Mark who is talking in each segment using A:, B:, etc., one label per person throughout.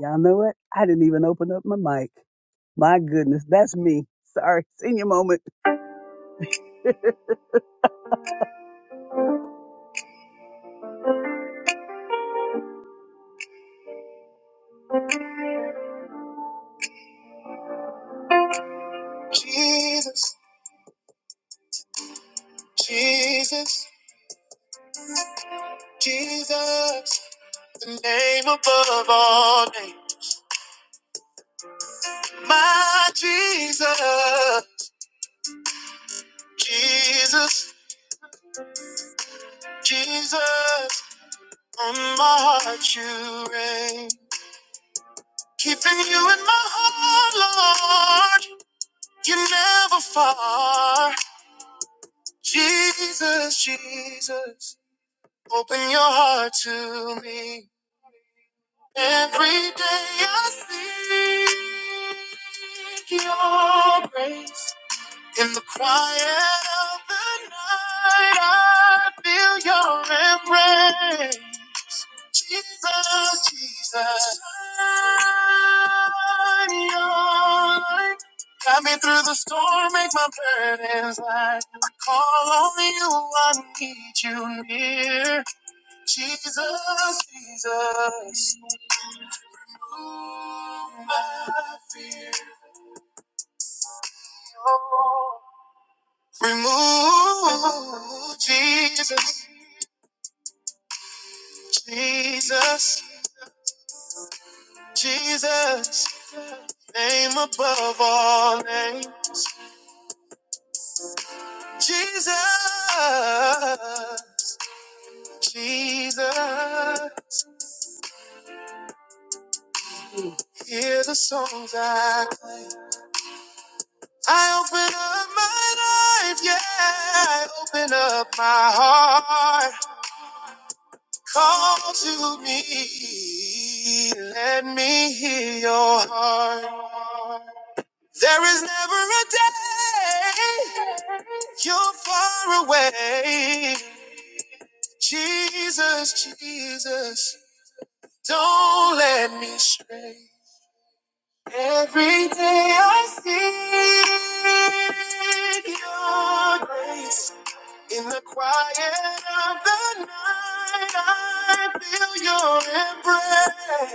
A: Y'all know what? I didn't even open up my mic. My goodness, that's me. Sorry, senior moment. Jesus, Jesus, Jesus, the name above all names. My Jesus, Jesus, Jesus, on my heart you reign. Keeping you in my heart, Lord, you're never far. Jesus, Jesus. Open your heart to me. Every day I seek your grace. In the quiet of the night, I feel your embrace. Jesus, Jesus, shine your light. guide me through the storm, make my burdens light. I call on you, I need you near. Jesus, Jesus, remove my fear. Remove Jesus, Jesus, Jesus, name above all names. Jesus, Jesus, hear the songs I play. I open up my life, yeah. I open up my heart. Call to me, let me hear your heart. There is never a day you're far away. Jesus, Jesus, don't let me stray. Every day I seek your grace. In the quiet of the night, I feel your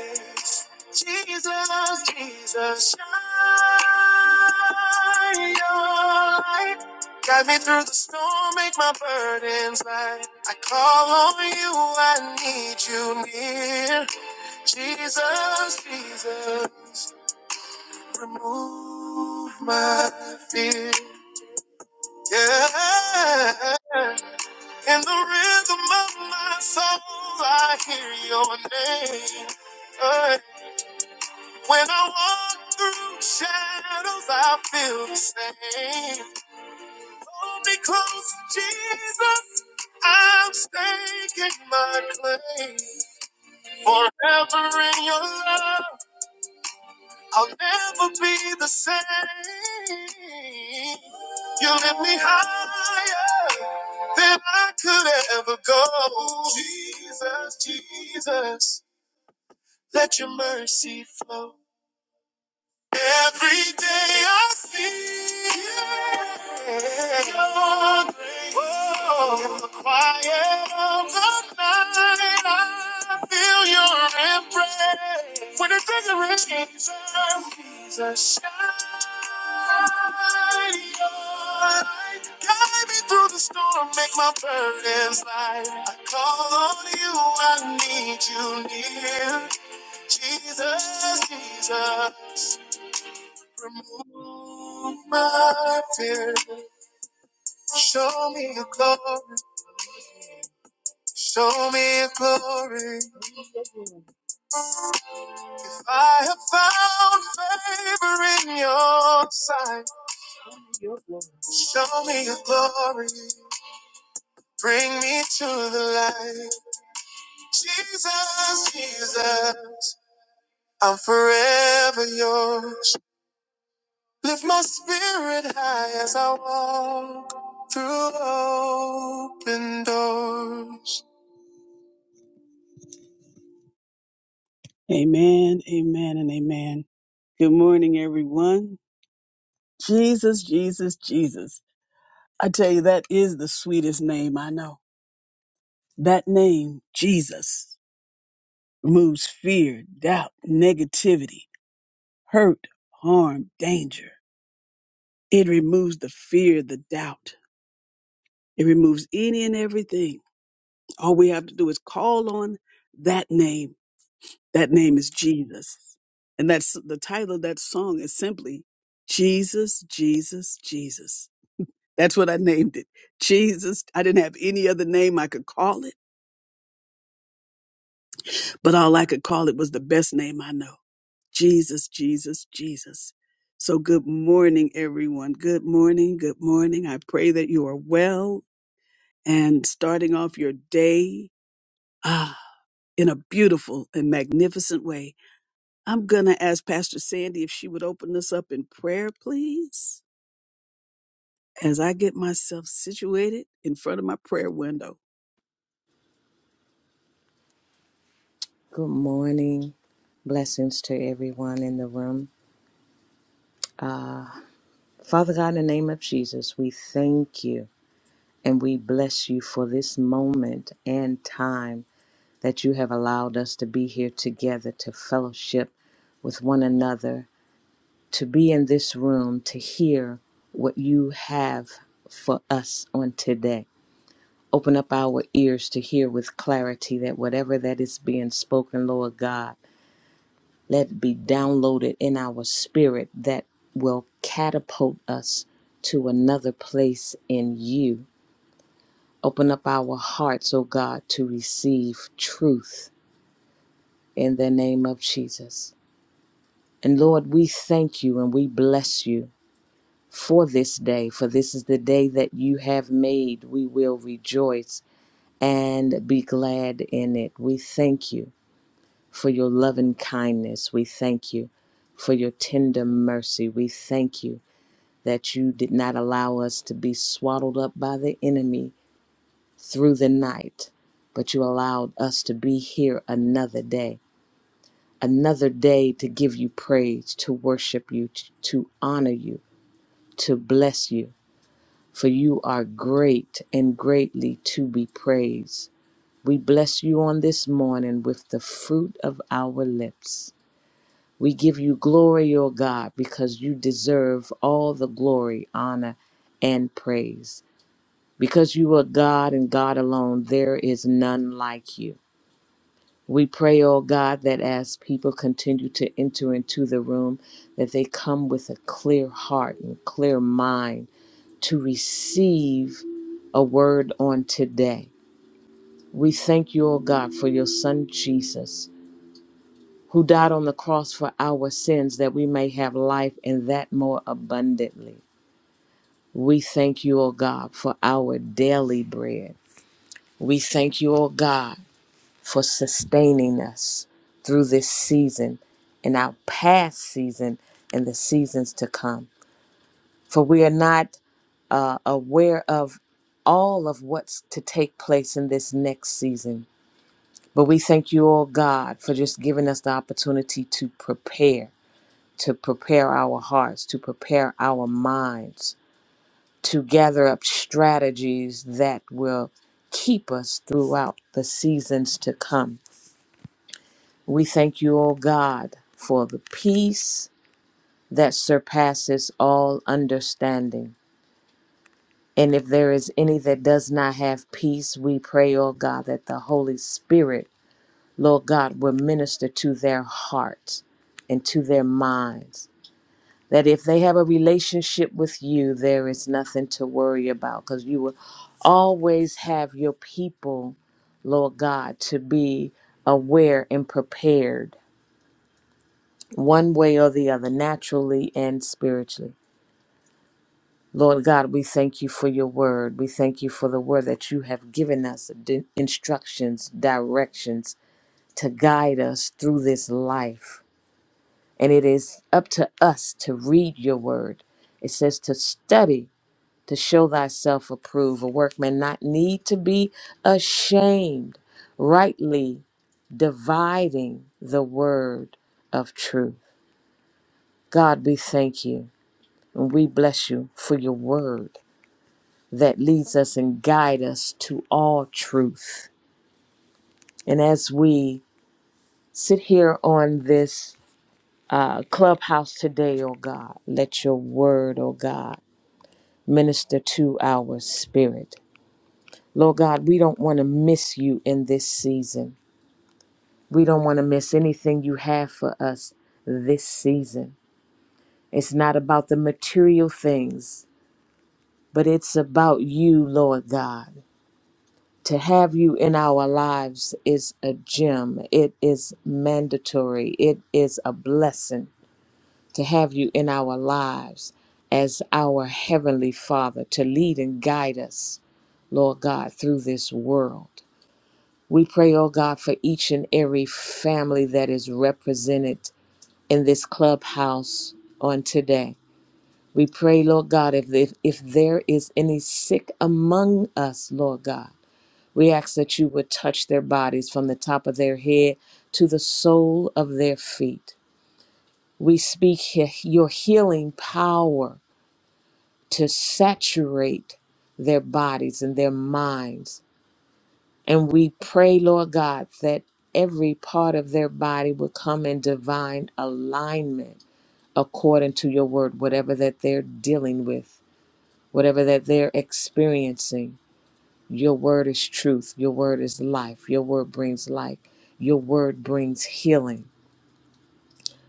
A: embrace. Jesus, Jesus, shine your light. Guide me through the storm, make my burdens light. I call on you, I need you near. Jesus, Jesus. Remove my fear. Yeah. In the rhythm of my soul, I hear your name. Uh, when I walk through shadows, I feel the same. Hold me close, Jesus. I'm staking my claim forever in your love. I'll never be the same. You lift me higher than I could ever go. Jesus, Jesus, let your mercy flow. Every day I see your grace. Oh, in the quiet of the night, I feel your embrace. When the bigger, Jesus, Jesus, shine your light. Guide me through the storm, make my burdens light. I call on you, I need you near. Jesus, Jesus. Remove my fear. Show me your glory. Show me your glory. If I have found favor in your sight, show me your glory. Bring me to the light. Jesus, Jesus, I'm forever yours. Lift my spirit high as I walk through open doors. Amen, amen, and amen. Good morning, everyone. Jesus, Jesus, Jesus. I tell you, that is the sweetest name I know. That name, Jesus, removes fear, doubt, negativity, hurt, harm, danger. It removes the fear, the doubt. It removes any and everything. All we have to do is call on that name That name is Jesus. And that's the title of that song is simply Jesus, Jesus, Jesus. That's what I named it. Jesus. I didn't have any other name I could call it, but all I could call it was the best name I know. Jesus, Jesus, Jesus. So good morning, everyone. Good morning. Good morning. I pray that you are well and starting off your day ah, in a beautiful and magnificent way. I'm going to ask Pastor Sandy if she would open us up in prayer, please, as I get myself situated in front of my prayer window.
B: Good morning. Blessings to everyone in the room. Father God, in the name of Jesus, we thank you and we bless you for this moment and time that you have allowed us to be here together to fellowship with one another, to be in this room, to hear what you have for us on today. Open up our ears to hear with clarity that whatever that is being spoken, Lord God, Let it be downloaded in our spirit that will catapult us to another place in you. Open up our hearts, O God, to receive truth in the name of Jesus. And Lord, we thank you and we bless you for this day, for this is the day that you have made. We will rejoice and be glad in it. We thank you for your loving kindness. We thank you for your tender mercy. We thank you that you did not allow us to be swaddled up by the enemy through the night, but you allowed us to be here another day, another day to give you praise, to worship you, to honor you, to bless you. For you are great and greatly to be praised. We bless you on this morning with the fruit of our lips. We give you glory, O God, because you deserve all the glory, honor, and praise. Because you are God and God alone, there is none like you. We pray, oh God, that as people continue to enter into the room, that they come with a clear heart and clear mind to receive a word on today. We thank you, O God, for your son Jesus, who died on the cross for our sins that we may have life and that more abundantly. We thank you, O God, for our daily bread. We thank you, O God for sustaining us through this season and our past season and the seasons to come. For we are not uh, aware of all of what's to take place in this next season. But we thank you, oh God, for just giving us the opportunity to prepare, to prepare our hearts, to prepare our minds, to gather up strategies that will keep us throughout the seasons to come We thank you, O God, for the peace that surpasses all understanding. And if there is any that does not have peace, we pray, O God, that the Holy Spirit, Lord God, will minister to their hearts and to their minds. That if they have a relationship with you, there is nothing to worry about because you will always have your people, Lord God, to be aware and prepared one way or the other, naturally and spiritually. Lord God, we thank you for your word. We thank you for the word that you have given us di- instructions, directions to guide us through this life. And it is up to us to read your word. It says to study, to show thyself approved, a workman not need to be ashamed, rightly dividing the word of truth. God, we thank you. And we bless you for your word that leads us and guide us to all truth. And as we sit here on this uh, clubhouse today, oh God, let your word, oh God, minister to our spirit. Lord God, we don't want to miss you in this season. We don't want to miss anything you have for us this season. It's not about the material things, but it's about you, Lord God. to have you in our lives is a gem. It is mandatory. It is a blessing to have you in our lives as our Heavenly Father to lead and guide us, Lord God, through this world. We pray, oh God, for each and every family that is represented in this clubhouse on today. We pray, Lord God, if, if, if there is any sick among us, Lord God, we ask that you would touch their bodies from the top of their head to the sole of their feet. We speak he- your healing power to saturate their bodies and their minds. And we pray, Lord God, that every part of their body would come in divine alignment according to your word, whatever that they're dealing with, whatever that they're experiencing. Your word is truth. Your word is life. Your word brings life. Your word brings healing.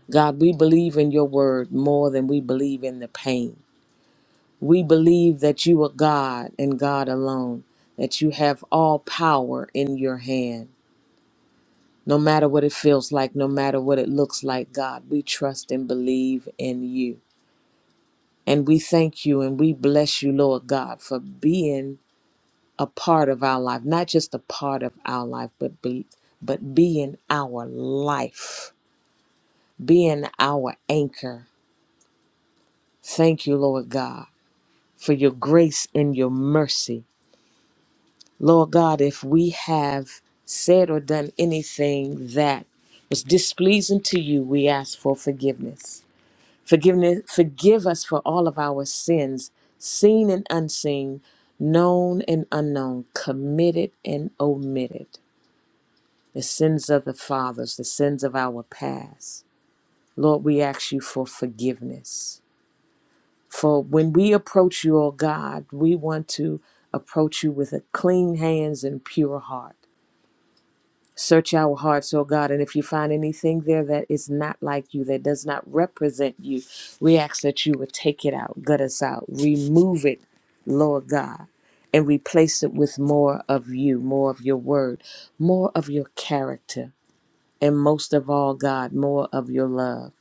B: God, we believe in your word more than we believe in the pain. We believe that you are God and God alone, that you have all power in your hand. No matter what it feels like, no matter what it looks like, God, we trust and believe in you. And we thank you and we bless you, Lord God, for being a part of our life, not just a part of our life, but be, but being our life, being our anchor. Thank you, Lord God, for your grace and your mercy. Lord God, if we have said or done anything that was displeasing to you, we ask for forgiveness. Forgiveness, forgive us for all of our sins, seen and unseen, known and unknown, committed and omitted. the sins of the fathers, the sins of our past. Lord, we ask you for forgiveness. For when we approach you, O God, we want to approach you with a clean hands and pure heart. Search our hearts, O God, and if you find anything there that is not like you, that does not represent you, we ask that you would take it out, gut us out, remove it, Lord God, and replace it with more of you, more of your word, more of your character and most of all, God, more of your love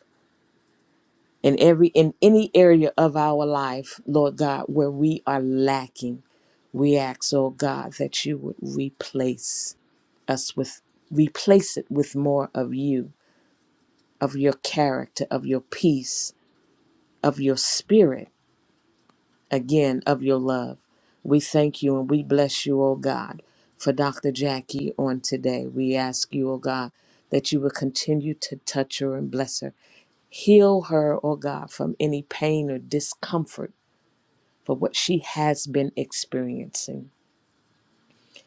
B: in every in any area of our life, Lord God, where we are lacking. We ask, oh God, that you would replace us with replace it with more of you, of your character, of your peace, of your spirit, again, of your love. We thank you and we bless you, oh God, for Dr. Jackie on today. We ask you, oh God, that you will continue to touch her and bless her Heal her, oh God, from any pain or discomfort for what she has been experiencing.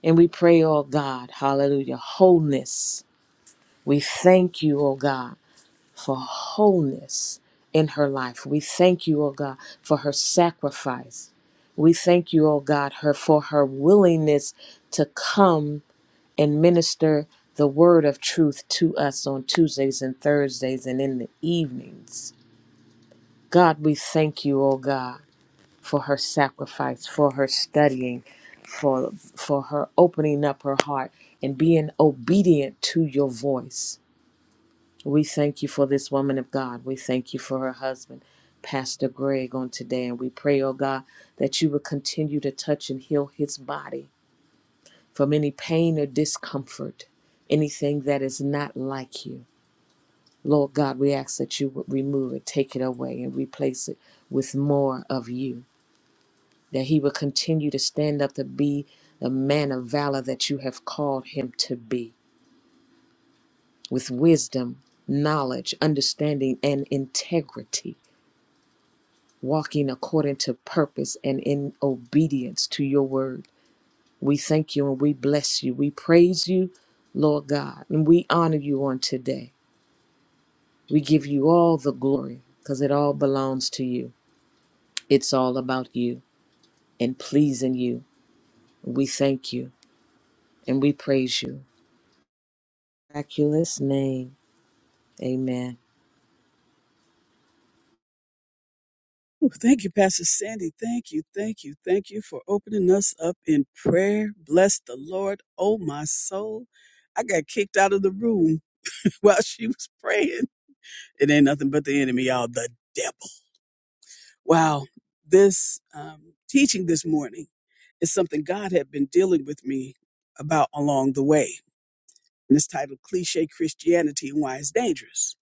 B: And we pray, oh God, hallelujah, wholeness. We thank you, oh God, for wholeness in her life. We thank you, oh God, for her sacrifice. We thank you, oh God, her for her willingness to come and minister the word of truth to us on Tuesdays and Thursdays and in the evenings. God, we thank you, oh God. for her sacrifice, for her studying, for for her opening up her heart and being obedient to your voice. We thank you for this woman of God. We thank you for her husband, Pastor Greg, on today. And we pray, oh God, that you would continue to touch and heal his body from any pain or discomfort, anything that is not like you. Lord God, we ask that you would remove it, take it away, and replace it with more of you. that he would continue to stand up to be the man of valor that you have called him to be, with wisdom, knowledge, understanding, and integrity, walking according to purpose and in obedience to your word. We thank you and we bless you. We praise you, Lord God, and we honor you on today. We give you all the glory because it all belongs to you. It's all about you and pleasing you. We thank you and we praise you. Miraculous name. Amen.
A: Oh, thank you, Pastor Sandy. Thank you, thank you, thank you for opening us up in prayer. Bless the Lord, oh my soul. I got kicked out of the room while she was praying. It ain't nothing but the enemy, y'all, the devil. Wow, this um, teaching this morning is something God had been dealing with me about along the way. And it's titled Cliche Christianity and Why It's Dangerous.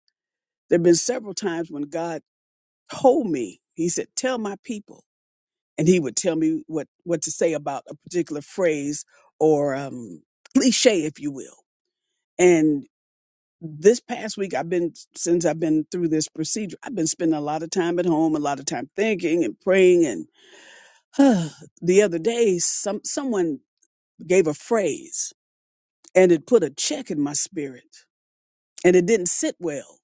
A: There have been several times when God told me, He said, Tell my people. And He would tell me what, what to say about a particular phrase or um, cliche, if you will. and. this past week i've been since i've been through this procedure i've been spending a lot of time at home a lot of time thinking and praying and the other day some someone gave a phrase and it put a check in my spirit and it didn't sit well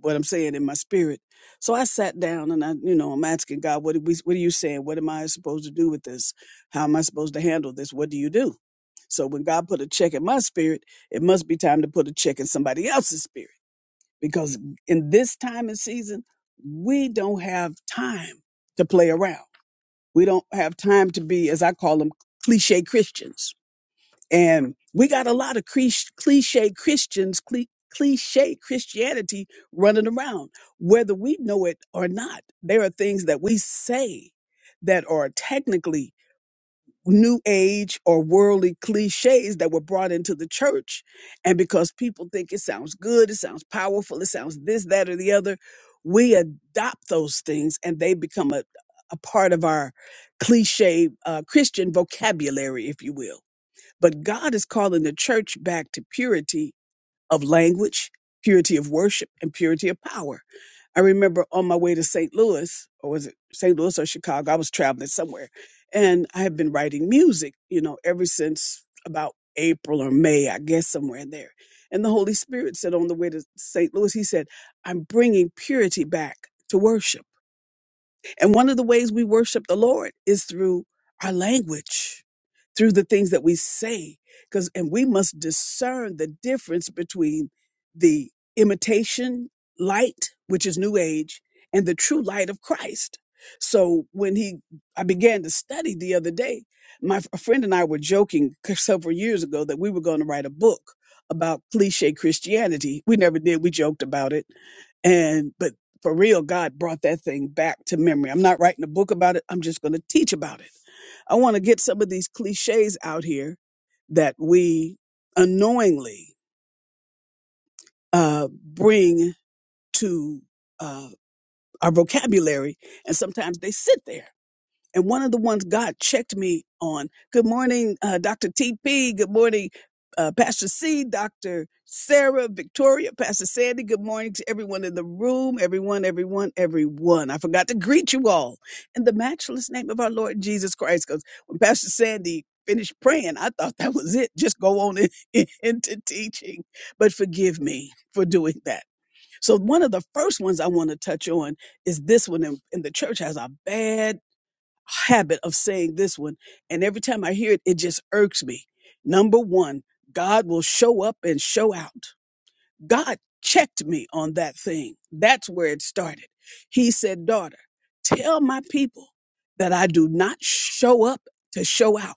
A: what i'm saying in my spirit so i sat down and i you know i'm asking god what, are we, what are you saying what am i supposed to do with this how am i supposed to handle this what do you do so when god put a check in my spirit it must be time to put a check in somebody else's spirit because in this time and season, we don't have time to play around. We don't have time to be, as I call them, cliche Christians. And we got a lot of clich- cliche Christians, cli- cliche Christianity running around, whether we know it or not. There are things that we say that are technically new age or worldly cliches that were brought into the church. And because people think it sounds good, it sounds powerful, it sounds this, that, or the other, we adopt those things and they become a, a part of our cliche uh, Christian vocabulary, if you will. But God is calling the church back to purity of language, purity of worship, and purity of power. I remember on my way to St. Louis, or was it St. Louis or Chicago? I was traveling somewhere, and I have been writing music, you know, ever since about April or May, I guess, somewhere in there. And the Holy Spirit said on the way to St. Louis, He said, I'm bringing purity back to worship. And one of the ways we worship the Lord is through our language, through the things that we say. Because and we must discern the difference between the imitation light, which is new age, and the true light of Christ. So when he I began to study the other day, my f- a friend and I were joking c- several years ago that we were going to write a book about cliche Christianity. We never did. We joked about it and but for real, God brought that thing back to memory. I'm not writing a book about it. I'm just going to teach about it. I want to get some of these cliches out here that we unknowingly uh, bring to uh, our vocabulary, and sometimes they sit there. And one of the ones God checked me on. Good morning, uh, Dr. TP. Good morning, uh, Pastor C, Dr. Sarah, Victoria, Pastor Sandy. Good morning to everyone in the room. Everyone, everyone, everyone. I forgot to greet you all in the matchless name of our Lord Jesus Christ. Because when Pastor Sandy finished praying, I thought that was it. Just go on in, into teaching. But forgive me for doing that. So one of the first ones I want to touch on is this one, and, and the church has a bad habit of saying this one, and every time I hear it, it just irks me. Number one, God will show up and show out. God checked me on that thing. That's where it started. He said, Daughter, tell my people that I do not show up to show out.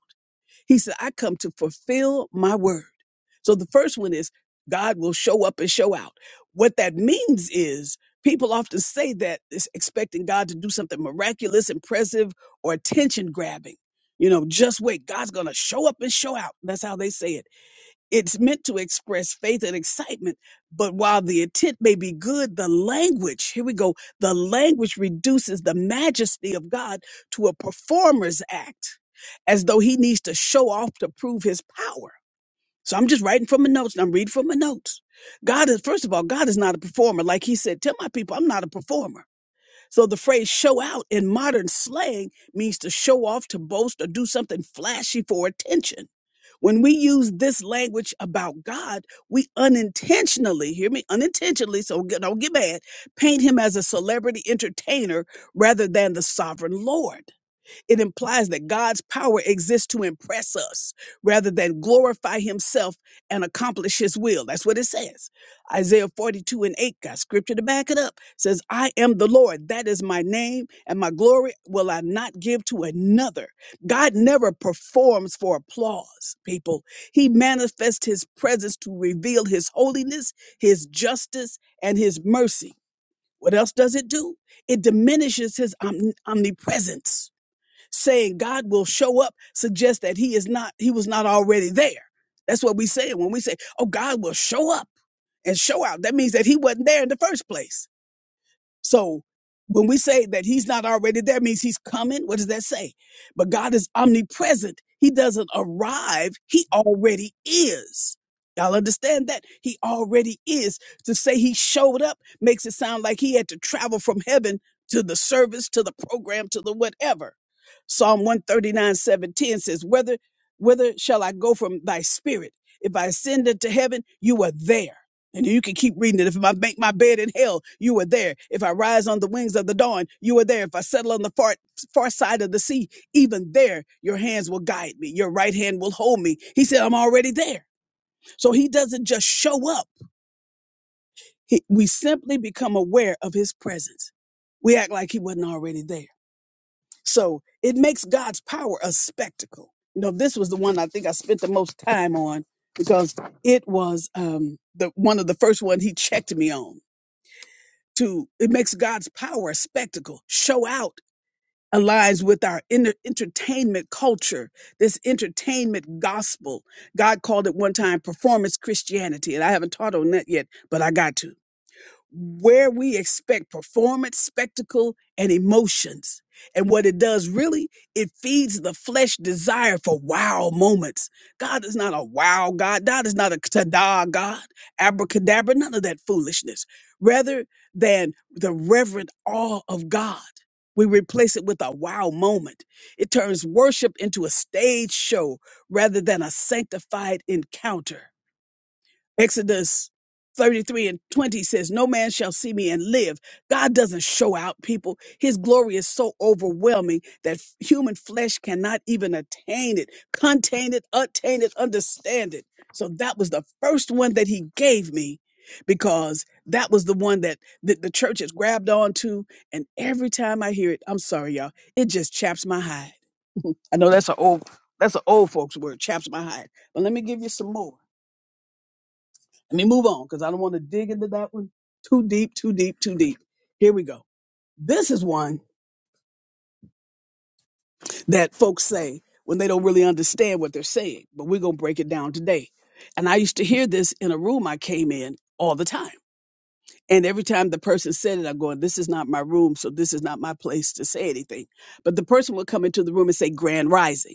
A: He said, I come to fulfill my word. So the first one is God will show up and show out. What that means is people often say that it's expecting God to do something miraculous, impressive, or attention grabbing. You know, just wait. God's going to show up and show out. That's how they say it. It's meant to express faith and excitement, but while the intent may be good, the language, here we go, the language reduces the majesty of God to a performer's act, as though he needs to show off to prove his power. So I'm just writing from my notes and I'm reading from my notes. God is, first of all, God is not a performer. Like he said, tell my people, I'm not a performer. So the phrase show out in modern slang means to show off, to boast, or do something flashy for attention. When we use this language about God, we unintentionally, hear me, unintentionally, so get- don't get mad, paint him as a celebrity entertainer rather than the sovereign Lord. It implies that God's power exists to impress us rather than glorify himself and accomplish his will. That's what it says. Isaiah 42 and 8 got scripture to back it up. It says, I am the Lord. That is my name, and my glory will I not give to another. God never performs for applause, people. He manifests his presence to reveal his holiness, his justice, and his mercy. What else does it do? It diminishes his omni- omnipresence saying God will show up suggests that he is not he was not already there. That's what we say when we say, "Oh, God will show up and show out." That means that he wasn't there in the first place. So when we say that he's not already there, means he's coming. What does that say? But God is omnipresent. He doesn't arrive. He already is. Y'all understand that? He already is. To say he showed up makes it sound like he had to travel from heaven to the service, to the program, to the whatever. Psalm 139, 710 says, Whether, whether shall I go from thy spirit? If I ascend into heaven, you are there. And you can keep reading it. If I make my bed in hell, you are there. If I rise on the wings of the dawn, you are there. If I settle on the far, far side of the sea, even there, your hands will guide me. Your right hand will hold me. He said, I'm already there. So he doesn't just show up. He, we simply become aware of his presence. We act like he wasn't already there. So it makes God's power a spectacle. You know, this was the one I think I spent the most time on because it was um, the one of the first one he checked me on to it makes God's power a spectacle. Show out aligns with our inner entertainment culture, this entertainment gospel. God called it one time performance Christianity, and I haven't taught on that yet, but I got to where we expect performance, spectacle, and emotions. And what it does really, it feeds the flesh desire for wow moments. God is not a wow God. God is not a ta-da God, abracadabra, none of that foolishness. Rather than the reverent awe of God, we replace it with a wow moment. It turns worship into a stage show rather than a sanctified encounter. Exodus 33 and 20 says, No man shall see me and live. God doesn't show out, people. His glory is so overwhelming that f- human flesh cannot even attain it, contain it, attain it, understand it. So that was the first one that he gave me because that was the one that the, the church has grabbed onto. And every time I hear it, I'm sorry, y'all, it just chaps my hide. I know that's an old. That's an old folks word, chaps my hide. But let me give you some more. Let me move on because I don't want to dig into that one too deep, too deep, too deep. Here we go. This is one that folks say when they don't really understand what they're saying, but we're going to break it down today. And I used to hear this in a room I came in all the time. And every time the person said it, I'm going, this is not my room, so this is not my place to say anything. But the person would come into the room and say, Grand Rising.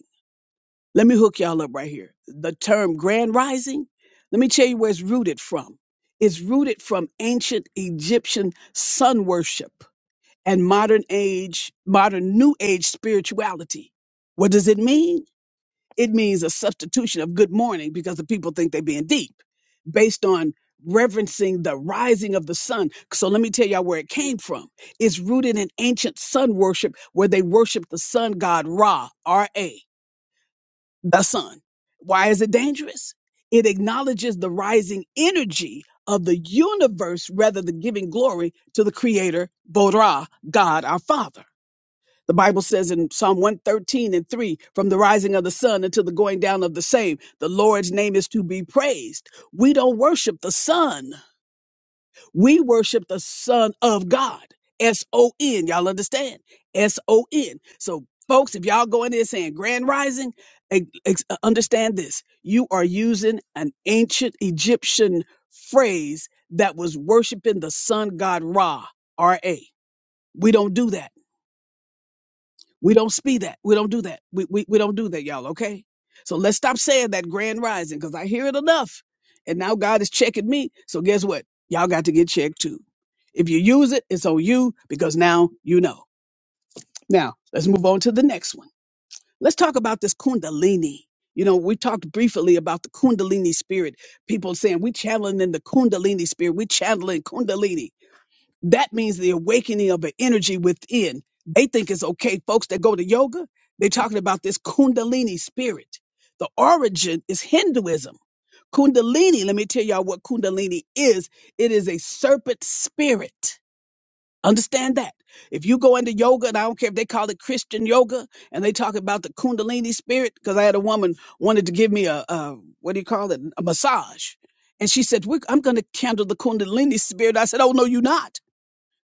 A: Let me hook y'all up right here. The term grand rising, let me tell you where it's rooted from. It's rooted from ancient Egyptian sun worship and modern age, modern new age spirituality. What does it mean? It means a substitution of good morning because the people think they're being deep based on reverencing the rising of the sun. So let me tell y'all where it came from. It's rooted in ancient sun worship where they worship the sun god Ra, R A the sun. Why is it dangerous? It acknowledges the rising energy of the universe rather than giving glory to the creator, Borah, God our Father. The Bible says in Psalm 113 and 3, from the rising of the sun until the going down of the same, the Lord's name is to be praised. We don't worship the sun. We worship the Son of God. S O N. Y'all understand? S O N. So, folks, if y'all go in there saying grand rising, eh, ex- uh, understand this. You are using an ancient Egyptian phrase that was worshiping the sun god Ra, R A. We don't do that. We don't speak that. We don't do that. We, we, we don't do that, y'all, okay? So let's stop saying that grand rising because I hear it enough. And now God is checking me. So guess what? Y'all got to get checked too. If you use it, it's on you because now you know. Now, let's move on to the next one. Let's talk about this Kundalini. You know, we talked briefly about the Kundalini spirit. People saying we channeling in the Kundalini spirit. We channeling Kundalini. That means the awakening of an energy within. They think it's okay, folks that go to yoga. They're talking about this Kundalini spirit. The origin is Hinduism. Kundalini, let me tell y'all what Kundalini is. It is a serpent spirit. Understand that. If you go into yoga, and I don't care if they call it Christian yoga, and they talk about the Kundalini spirit, because I had a woman wanted to give me a, a what do you call it, a massage, and she said, "We're- "I'm going to handle the Kundalini spirit." I said, "Oh no, you're not."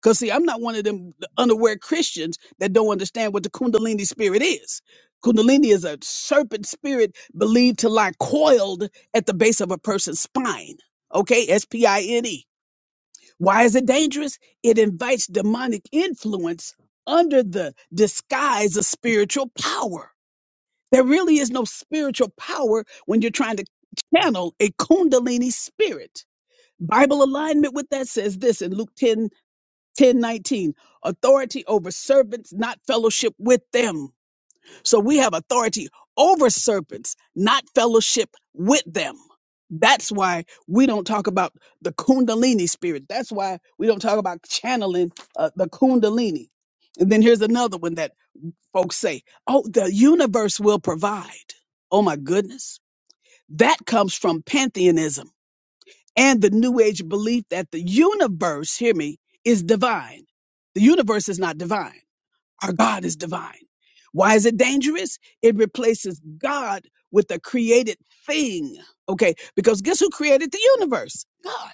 A: Because, see, I'm not one of them unaware Christians that don't understand what the Kundalini spirit is. Kundalini is a serpent spirit believed to lie coiled at the base of a person's spine. Okay, S P I N E. Why is it dangerous? It invites demonic influence under the disguise of spiritual power. There really is no spiritual power when you're trying to channel a Kundalini spirit. Bible alignment with that says this in Luke 10 1019 authority over serpents not fellowship with them so we have authority over serpents not fellowship with them that's why we don't talk about the kundalini spirit that's why we don't talk about channeling uh, the kundalini and then here's another one that folks say oh the universe will provide oh my goodness that comes from pantheism and the new age belief that the universe, hear me, is divine. The universe is not divine. Our God is divine. Why is it dangerous? It replaces God with a created thing. Okay, because guess who created the universe? God.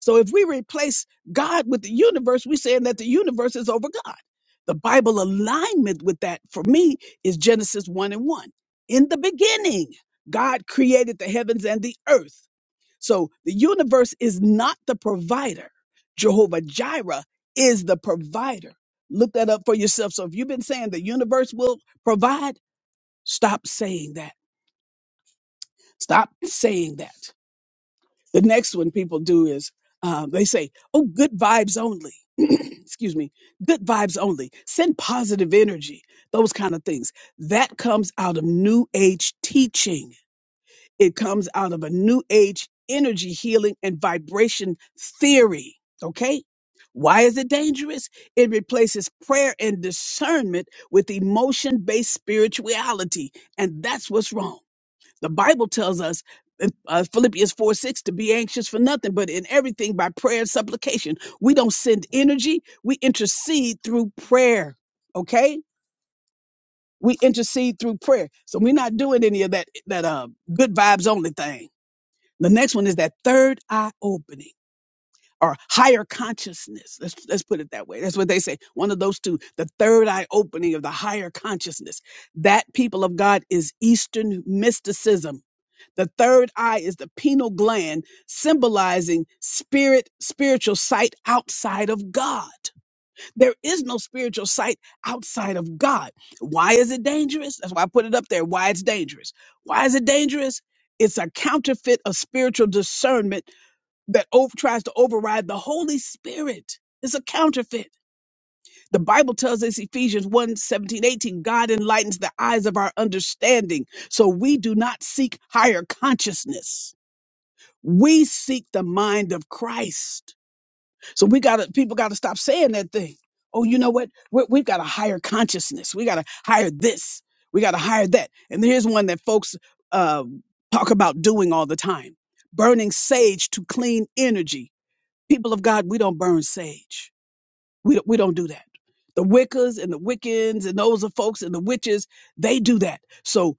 A: So if we replace God with the universe, we're saying that the universe is over God. The Bible alignment with that for me is Genesis 1 and 1. In the beginning, God created the heavens and the earth. So the universe is not the provider. Jehovah Jireh is the provider. Look that up for yourself. So if you've been saying the universe will provide, stop saying that. Stop saying that. The next one people do is um, they say, oh, good vibes only. Excuse me, good vibes only. Send positive energy, those kind of things. That comes out of New Age teaching It comes out of a new age energy healing and vibration theory. Okay. Why is it dangerous? It replaces prayer and discernment with emotion based spirituality. And that's what's wrong. The Bible tells us in uh, Philippians 4 6 to be anxious for nothing, but in everything by prayer and supplication. We don't send energy, we intercede through prayer. Okay? We intercede through prayer. So we're not doing any of that, that uh, good vibes only thing the next one is that third eye opening or higher consciousness. Let's, let's put it that way. That's what they say. One of those two, the third eye opening of the higher consciousness. That people of God is Eastern mysticism. The third eye is the pineal gland symbolizing spirit, spiritual sight outside of God. There is no spiritual sight outside of God. Why is it dangerous? That's why I put it up there. Why it's dangerous. Why is it dangerous? It's a counterfeit of spiritual discernment that over, tries to override the Holy Spirit. It's a counterfeit. The Bible tells us, Ephesians 1 eighteen, God enlightens the eyes of our understanding so we do not seek higher consciousness. We seek the mind of Christ. So we got to, people got to stop saying that thing. Oh, you know what? we we've got a higher consciousness. We got to hire this. We got to hire that. And here's one that folks uh, talk about doing all the time burning sage to clean energy people of God, we don't burn sage. We don't, we don't do that. The Wiccas and the Wiccans and those are folks and the witches, they do that. So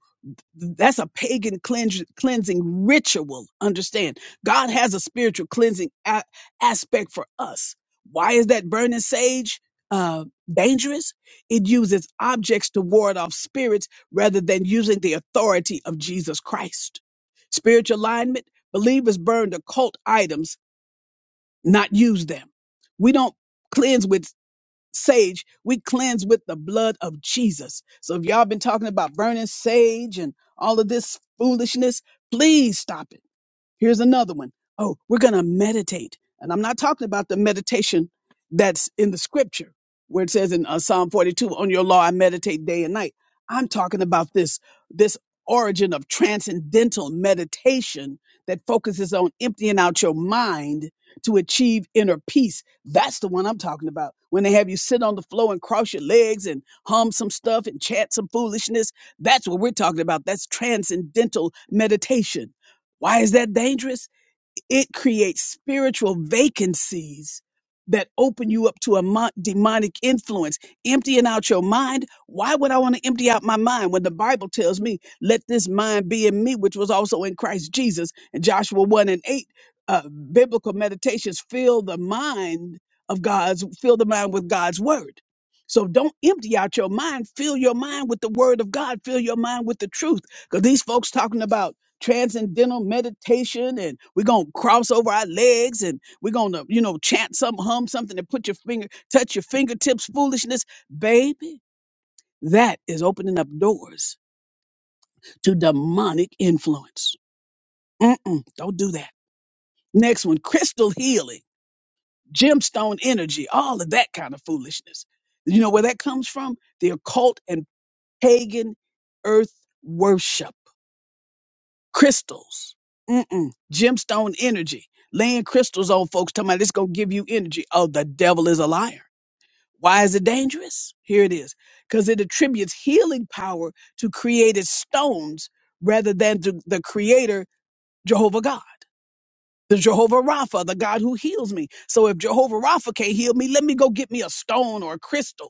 A: that's a pagan cleanse, cleansing ritual. Understand? God has a spiritual cleansing a- aspect for us. Why is that burning sage uh, dangerous? It uses objects to ward off spirits rather than using the authority of Jesus Christ. Spiritual alignment. Believers burn the cult items not use them. We don't cleanse with sage, we cleanse with the blood of Jesus. So if y'all been talking about burning sage and all of this foolishness, please stop it. Here's another one. Oh, we're going to meditate. And I'm not talking about the meditation that's in the scripture where it says in uh, Psalm 42, on your law I meditate day and night. I'm talking about this, this origin of transcendental meditation that focuses on emptying out your mind to achieve inner peace. That's the one I'm talking about. When they have you sit on the floor and cross your legs and hum some stuff and chant some foolishness, that's what we're talking about. That's transcendental meditation why is that dangerous? It creates spiritual vacancies that open you up to a mon- demonic influence, emptying out your mind. Why would I want to empty out my mind when the Bible tells me, let this mind be in me, which was also in Christ Jesus? And Joshua 1 and 8, uh, biblical meditations fill the mind of God's, fill the mind with God's word. So don't empty out your mind. Fill your mind with the word of God. Fill your mind with the truth. Because these folks talking about transcendental meditation and we're going to cross over our legs and we're going to you know chant something hum something and put your finger touch your fingertips foolishness baby that is opening up doors to demonic influence Mm-mm, don't do that next one crystal healing gemstone energy all of that kind of foolishness you know where that comes from the occult and pagan earth worship crystals, Mm-mm. gemstone energy, laying crystals on folks, talking about it's going to give you energy. Oh, the devil is a liar. Why is it dangerous? Here it is. Because it attributes healing power to created stones rather than to the creator, Jehovah God, the Jehovah Rapha, the God who heals me. So if Jehovah Rapha can't heal me, let me go get me a stone or a crystal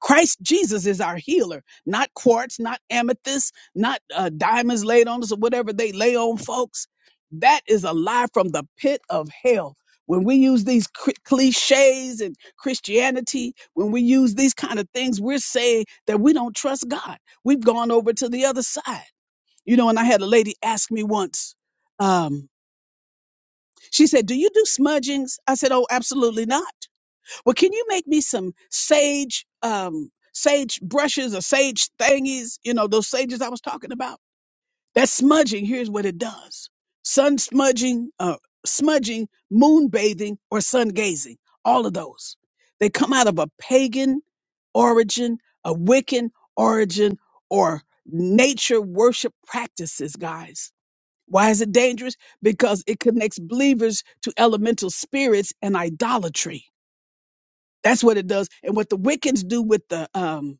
A: Christ Jesus is our healer, not quartz, not amethyst, not uh, diamonds laid on us or whatever they lay on folks. That is a lie from the pit of hell. When we use these cri- cliches and Christianity, when we use these kind of things, we're saying that we don't trust God. We've gone over to the other side. You know, and I had a lady ask me once, um, she said, Do you do smudgings? I said, Oh, absolutely not. Well, can you make me some sage, um, sage brushes or sage thingies? You know, those sages I was talking about. That smudging, here's what it does. Sun smudging, uh, smudging, moon bathing, or sun gazing. All of those. They come out of a pagan origin, a Wiccan origin, or nature worship practices, guys. Why is it dangerous? Because it connects believers to elemental spirits and idolatry. That's what it does. And what the Wiccans do with the um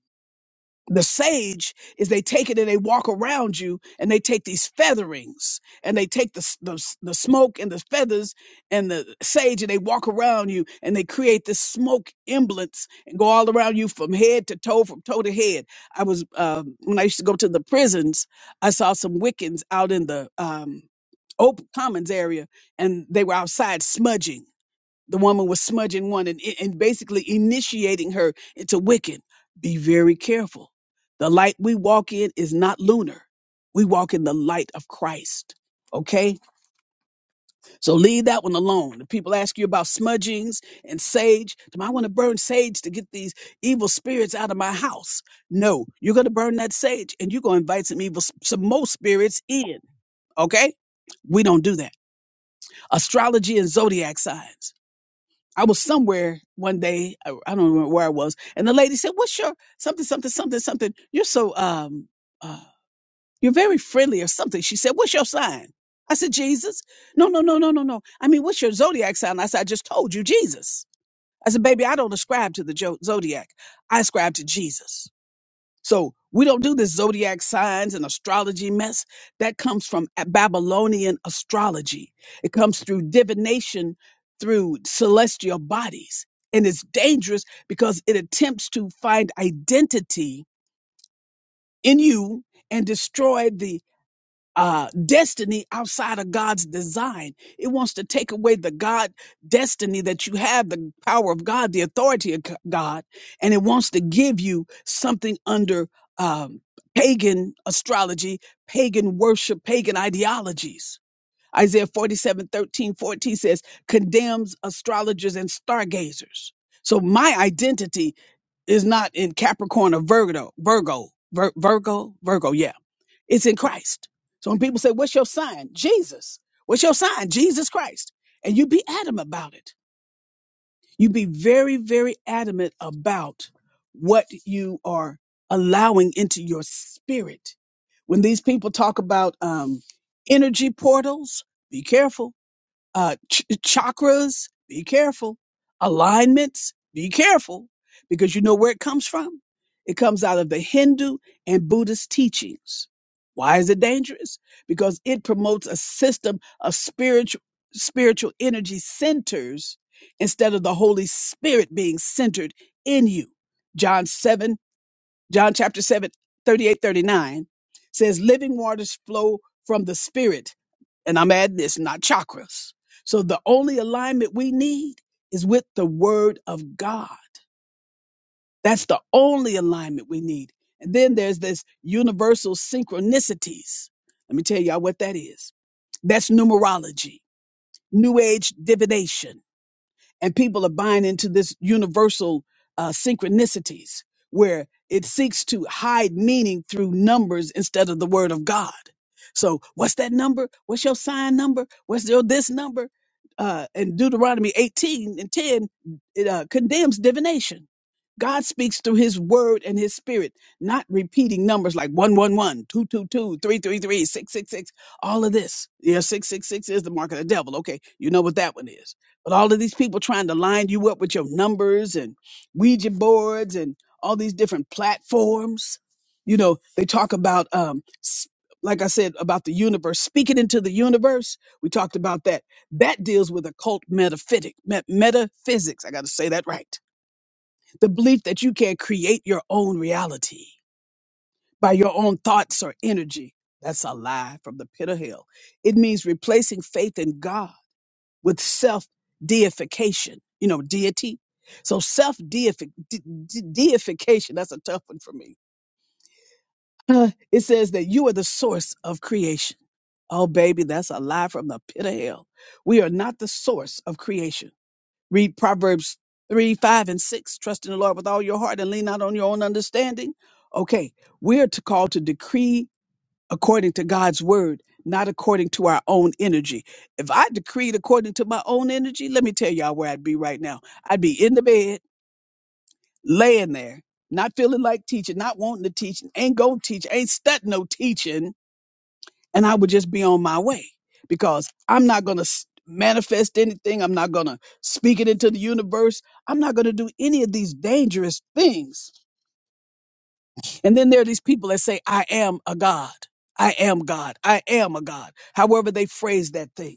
A: the sage is they take it and they walk around you and they take these featherings and they take the, s- the s- the smoke and the feathers and the sage and they walk around you and they create this smoke emblance and go all around you from head to toe from toe to head i was um, when i used to go to the prisons i saw some wiccans out in the um, open commons area and they were outside smudging the woman was smudging one and, and basically initiating her into Wiccan. Be very careful. The light we walk in is not lunar. We walk in the light of Christ. Okay? So leave that one alone. If people ask you about smudgings and sage, do I want to burn sage to get these evil spirits out of my house? No, you're going to burn that sage and you're going to invite some evil, some most spirits in. Okay? We don't do that. Astrology and zodiac signs. I was somewhere one day, I I don't remember where I was, and the lady said, "What's your something, something, something, something? You're so um, uh, you're very friendly or something." She said, "What's your sign?" I said, "Jesus." No, no, no, no, no, no. I mean, what's your zodiac sign? I said, "I just told you, Jesus." I said, "Baby, I don't ascribe to the jo- zodiac. I ascribe to Jesus." So we don't do this zodiac signs and astrology mess. That comes from a- Babylonian astrology. It comes through divination through celestial bodies. And it's dangerous because it attempts to find identity in you and destroy the uh, destiny outside of God's design. It wants to take away the God destiny that you have, the power of God, the authority of G- God, and it wants to give you something under um, pagan astrology, pagan worship, pagan ideologies. Isaiah 47, thirteen, 14 says, condemns astrologers and stargazers. So my identity is not in Capricorn or Virgo, Virgo, Vir- Virgo, Virgo. Yeah. It's in Christ. So when people say, what's your sign? Jesus. What's your sign? Jesus Christ. And you be adamant about it. You be very, very adamant about what you are allowing into your spirit. When these people talk about um, energy portals, be careful uh, ch- chakras, be careful. Alignments, be careful, because you know where it comes from. It comes out of the Hindu and Buddhist teachings. Why is it dangerous? Because it promotes a system of spiritual spiritual energy centers instead of the Holy Spirit being centered in you. John seven. John chapter 7, 38, 39, says, Living waters flow from the spirit. And I'm adding this, not chakras. So the only alignment we need is with the word of God. That's the only alignment we need. And then there's this universal synchronicities. Let me tell y'all what that is. That's numerology, new age divination and people are buying into this universal uh, synchronicities where it seeks to hide meaning through numbers instead of the word of God. So, what's that number? What's your sign number? What's your this number? Uh, and Deuteronomy 18 and 10 it, uh, condemns divination. God speaks through his word and his spirit, not repeating numbers like 111, 222, 333, 666. all of this. Yeah, 666 is the mark of the devil. Okay, you know what that one is but all of these people trying to line you up with your numbers and Ouija boards and all these different platforms. You know, they talk about, um, s- like I said, about the universe, speaking into the universe. We talked about that. That deals with occult metaphysic, met- metaphysics. I got to say that right. The belief that you can create your own reality by your own thoughts or energy. That's a lie from the pit of hell. It means replacing faith in God with self deification, you know, deity. So self deification, that's a tough one for me. Uh, it says that you are the source of creation. Oh, baby, that's a lie from the pit of hell. We are not the source of creation. Read Proverbs 3, 5, and 6. Trust in the Lord with all your heart and lean not on your own understanding. Okay, we are to call to decree according to God's word, not according to our own energy. If I decreed according to my own energy, let me tell y'all where I'd be right now. I'd be in the bed, laying there, not feeling like teaching, not wanting to teach, ain't going to teach, ain't studying no teaching, and I would just be on my way because I'm not going to manifest anything. I'm not going to speak it into the universe. I'm not going to do any of these dangerous things And then there are these people that say, I am a God. I am God. I am a God. However, they phrase that thing.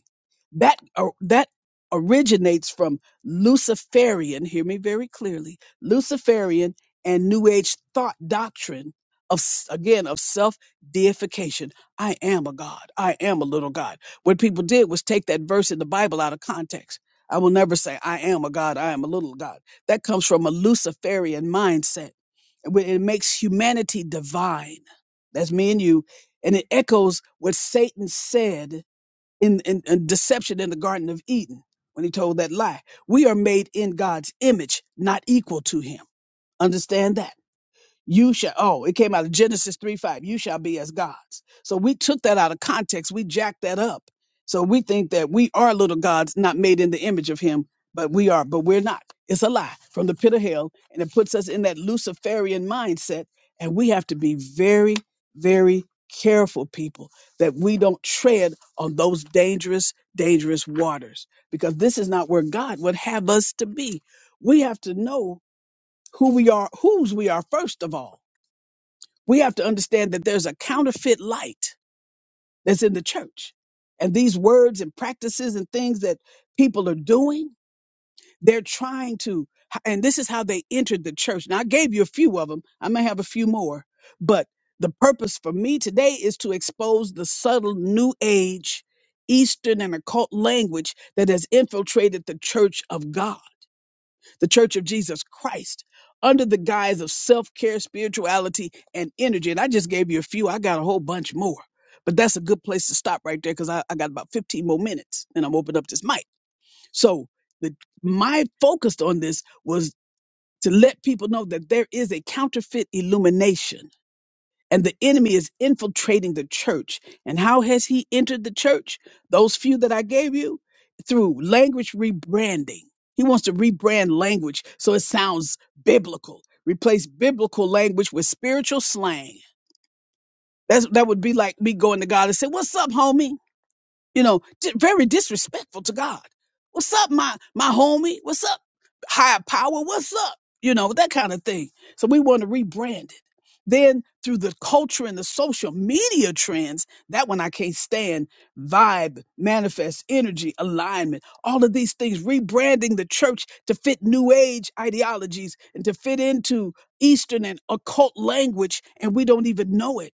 A: That, or that originates from Luciferian, hear me very clearly, Luciferian and New Age thought doctrine of, s- again, of self deification. I am a God. I am a little God. What people did was take that verse in the Bible out of context. I will never say, I am a God. I am a little God. That comes from a Luciferian mindset where it makes humanity divine. That's me and you. And it echoes what Satan said in, in, in deception in the Garden of Eden when he told that lie. We are made in God's image, not equal to him. Understand that. You shall, oh, it came out of Genesis 3 5. You shall be as gods. So we took that out of context. We jacked that up. So we think that we are little gods, not made in the image of him, but we are, but we're not. It's a lie from the pit of hell. And it puts us in that Luciferian mindset. And we have to be very, very careful, people, that we don't tread on those dangerous, dangerous waters, because this is not where God would have us to be. We have to know who we are, whose we are, first of all we have to understand that there's a counterfeit light that's in the church. And these words and practices and things that people are doing, they're trying to, and this is how they entered the church. Now, I gave you a few of them. I may have a few more, but the purpose for me today is to expose the subtle new age, Eastern and occult language that has infiltrated the church of God the Church of Jesus Christ under the guise of self care, spirituality, and energy. And I just gave you a few, I got a whole bunch more. But that's a good place to stop right there because I, I got about 15 more minutes and I'm opening up this mic. So the my focus on this was to let people know that there is a counterfeit illumination and the enemy is infiltrating the church. And how has he entered the church? Those few that I gave you through language rebranding. He wants to rebrand language so it sounds biblical. Replace biblical language with spiritual slang. That's that would be like me going to God and say, "What's up, homie?" you know, di- very disrespectful to God. What's up, my my homie? What's up, higher power? What's up? You know that kind of thing. So we want to rebrand it. Then through the culture and the social media trends, that one I can't stand. Vibe, manifest, energy, alignment, all of these things. Rebranding the church to fit new age ideologies and to fit into Eastern and occult language, and we don't even know it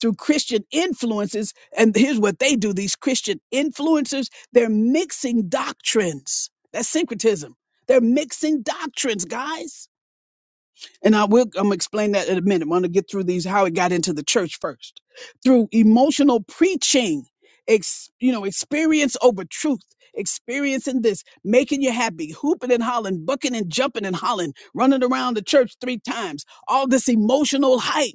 A: through Christian influences. And here's what they do these Christian influencers, they're mixing doctrines. That's syncretism. They're mixing doctrines, guys. And I will I'm gonna explain that in a minute. I want to get through these how it got into the church first. Through emotional preaching, ex, you know, experience over truth, experiencing this, making you happy, hooping and hollering, bucking and jumping and hollering, running around the church three times, all this emotional hype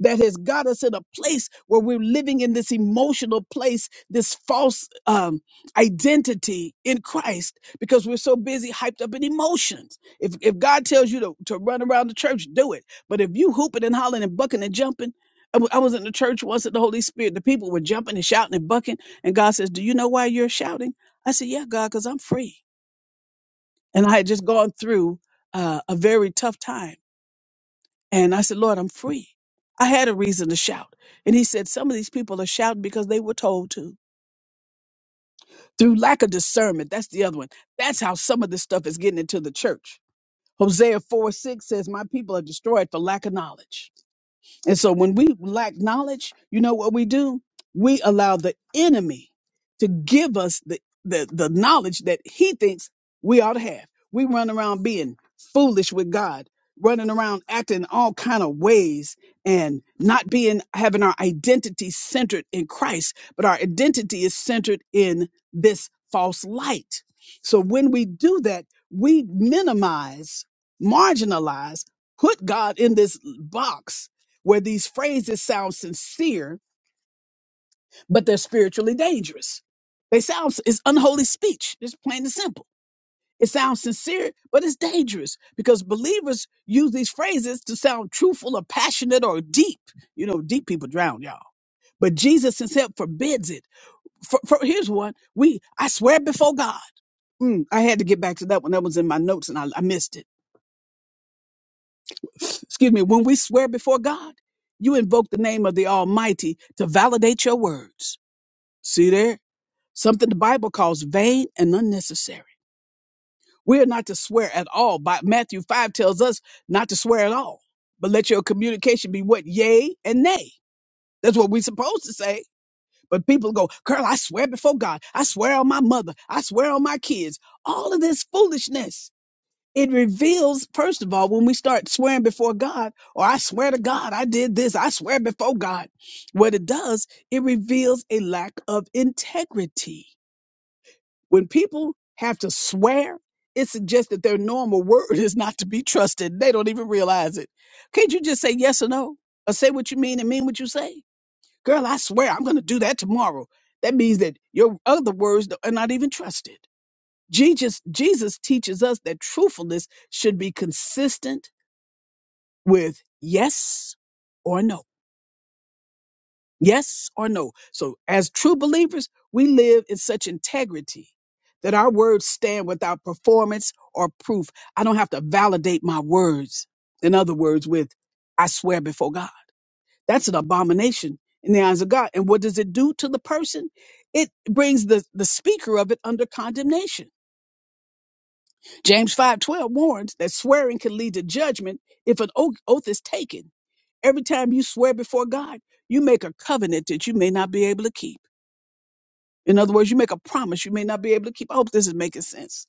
A: that has got us in a place where we're living in this emotional place, this false um, identity in Christ, because we're so busy hyped up in emotions. If if God tells you to, to run around the church, do it. But if you hooping and hollering and bucking and jumping, I wa- I was in the church once at the Holy Spirit. The people were jumping and shouting and bucking, and God says, "Do you know why you're shouting?" I said, "Yeah, God, because I'm free." And I had just gone through uh, a very tough time and I said, Lord, I'm free. I had a reason to shout. And he said, Some of these people are shouting because they were told to. Through lack of discernment, that's the other one. That's how some of this stuff is getting into the church. Hosea 4 6 says, My people are destroyed for lack of knowledge. And so when we lack knowledge, you know what we do? We allow the enemy to give us the, the, the knowledge that he thinks we ought to have. We run around being foolish with God, running around acting all kind of ways and not being having our identity centered in Christ, but our identity is centered in this false light. So when we do that, we minimize, marginalize, put God in this box where these phrases sound sincere, but they're spiritually dangerous. They sound it's unholy speech, just plain and simple. It sounds sincere, but it's dangerous because believers use these phrases to sound truthful or passionate or deep. You know, deep people drown, y'all. But Jesus himself forbids it. For, for, here's one. We, I swear before God. Mm, I had to get back to that one. That was in my notes and I, I missed it. Excuse me. When we swear before God, you invoke the name of the Almighty to validate your words. See there? Something the Bible calls vain and unnecessary. We are not to swear at all. By Matthew 5 tells us not to swear at all, but let your communication be what? Yea and nay. That's what we're supposed to say. But people go, girl, I swear before God. I swear on my mother. I swear on my kids. All of this foolishness. It reveals, first of all, when we start swearing before God, or I swear to God, I did this, I swear before God. What it does, it reveals a lack of integrity When people have to swear, it suggests that their normal word is not to be trusted. They don't even realize it. Can't you just say yes or no? Or say what you mean and mean what you say? Girl, I swear I'm going to do that tomorrow. That means that your other words are not even trusted. Jesus, Jesus teaches us that truthfulness should be consistent with yes or no. Yes or no? So, as true believers, we live in such integrity that our words stand without performance or proof. I don't have to validate my words. In other words, with I swear before God. That's an abomination in the eyes of God. And what does it do to the person? It brings the, the speaker of it under condemnation. James 5:12 warns that swearing can lead to judgment if an oath oath is taken. Every time you swear before God, you make a covenant that you may not be able to keep. In other words, you make a promise you may not be able to keep. I hope this is making sense.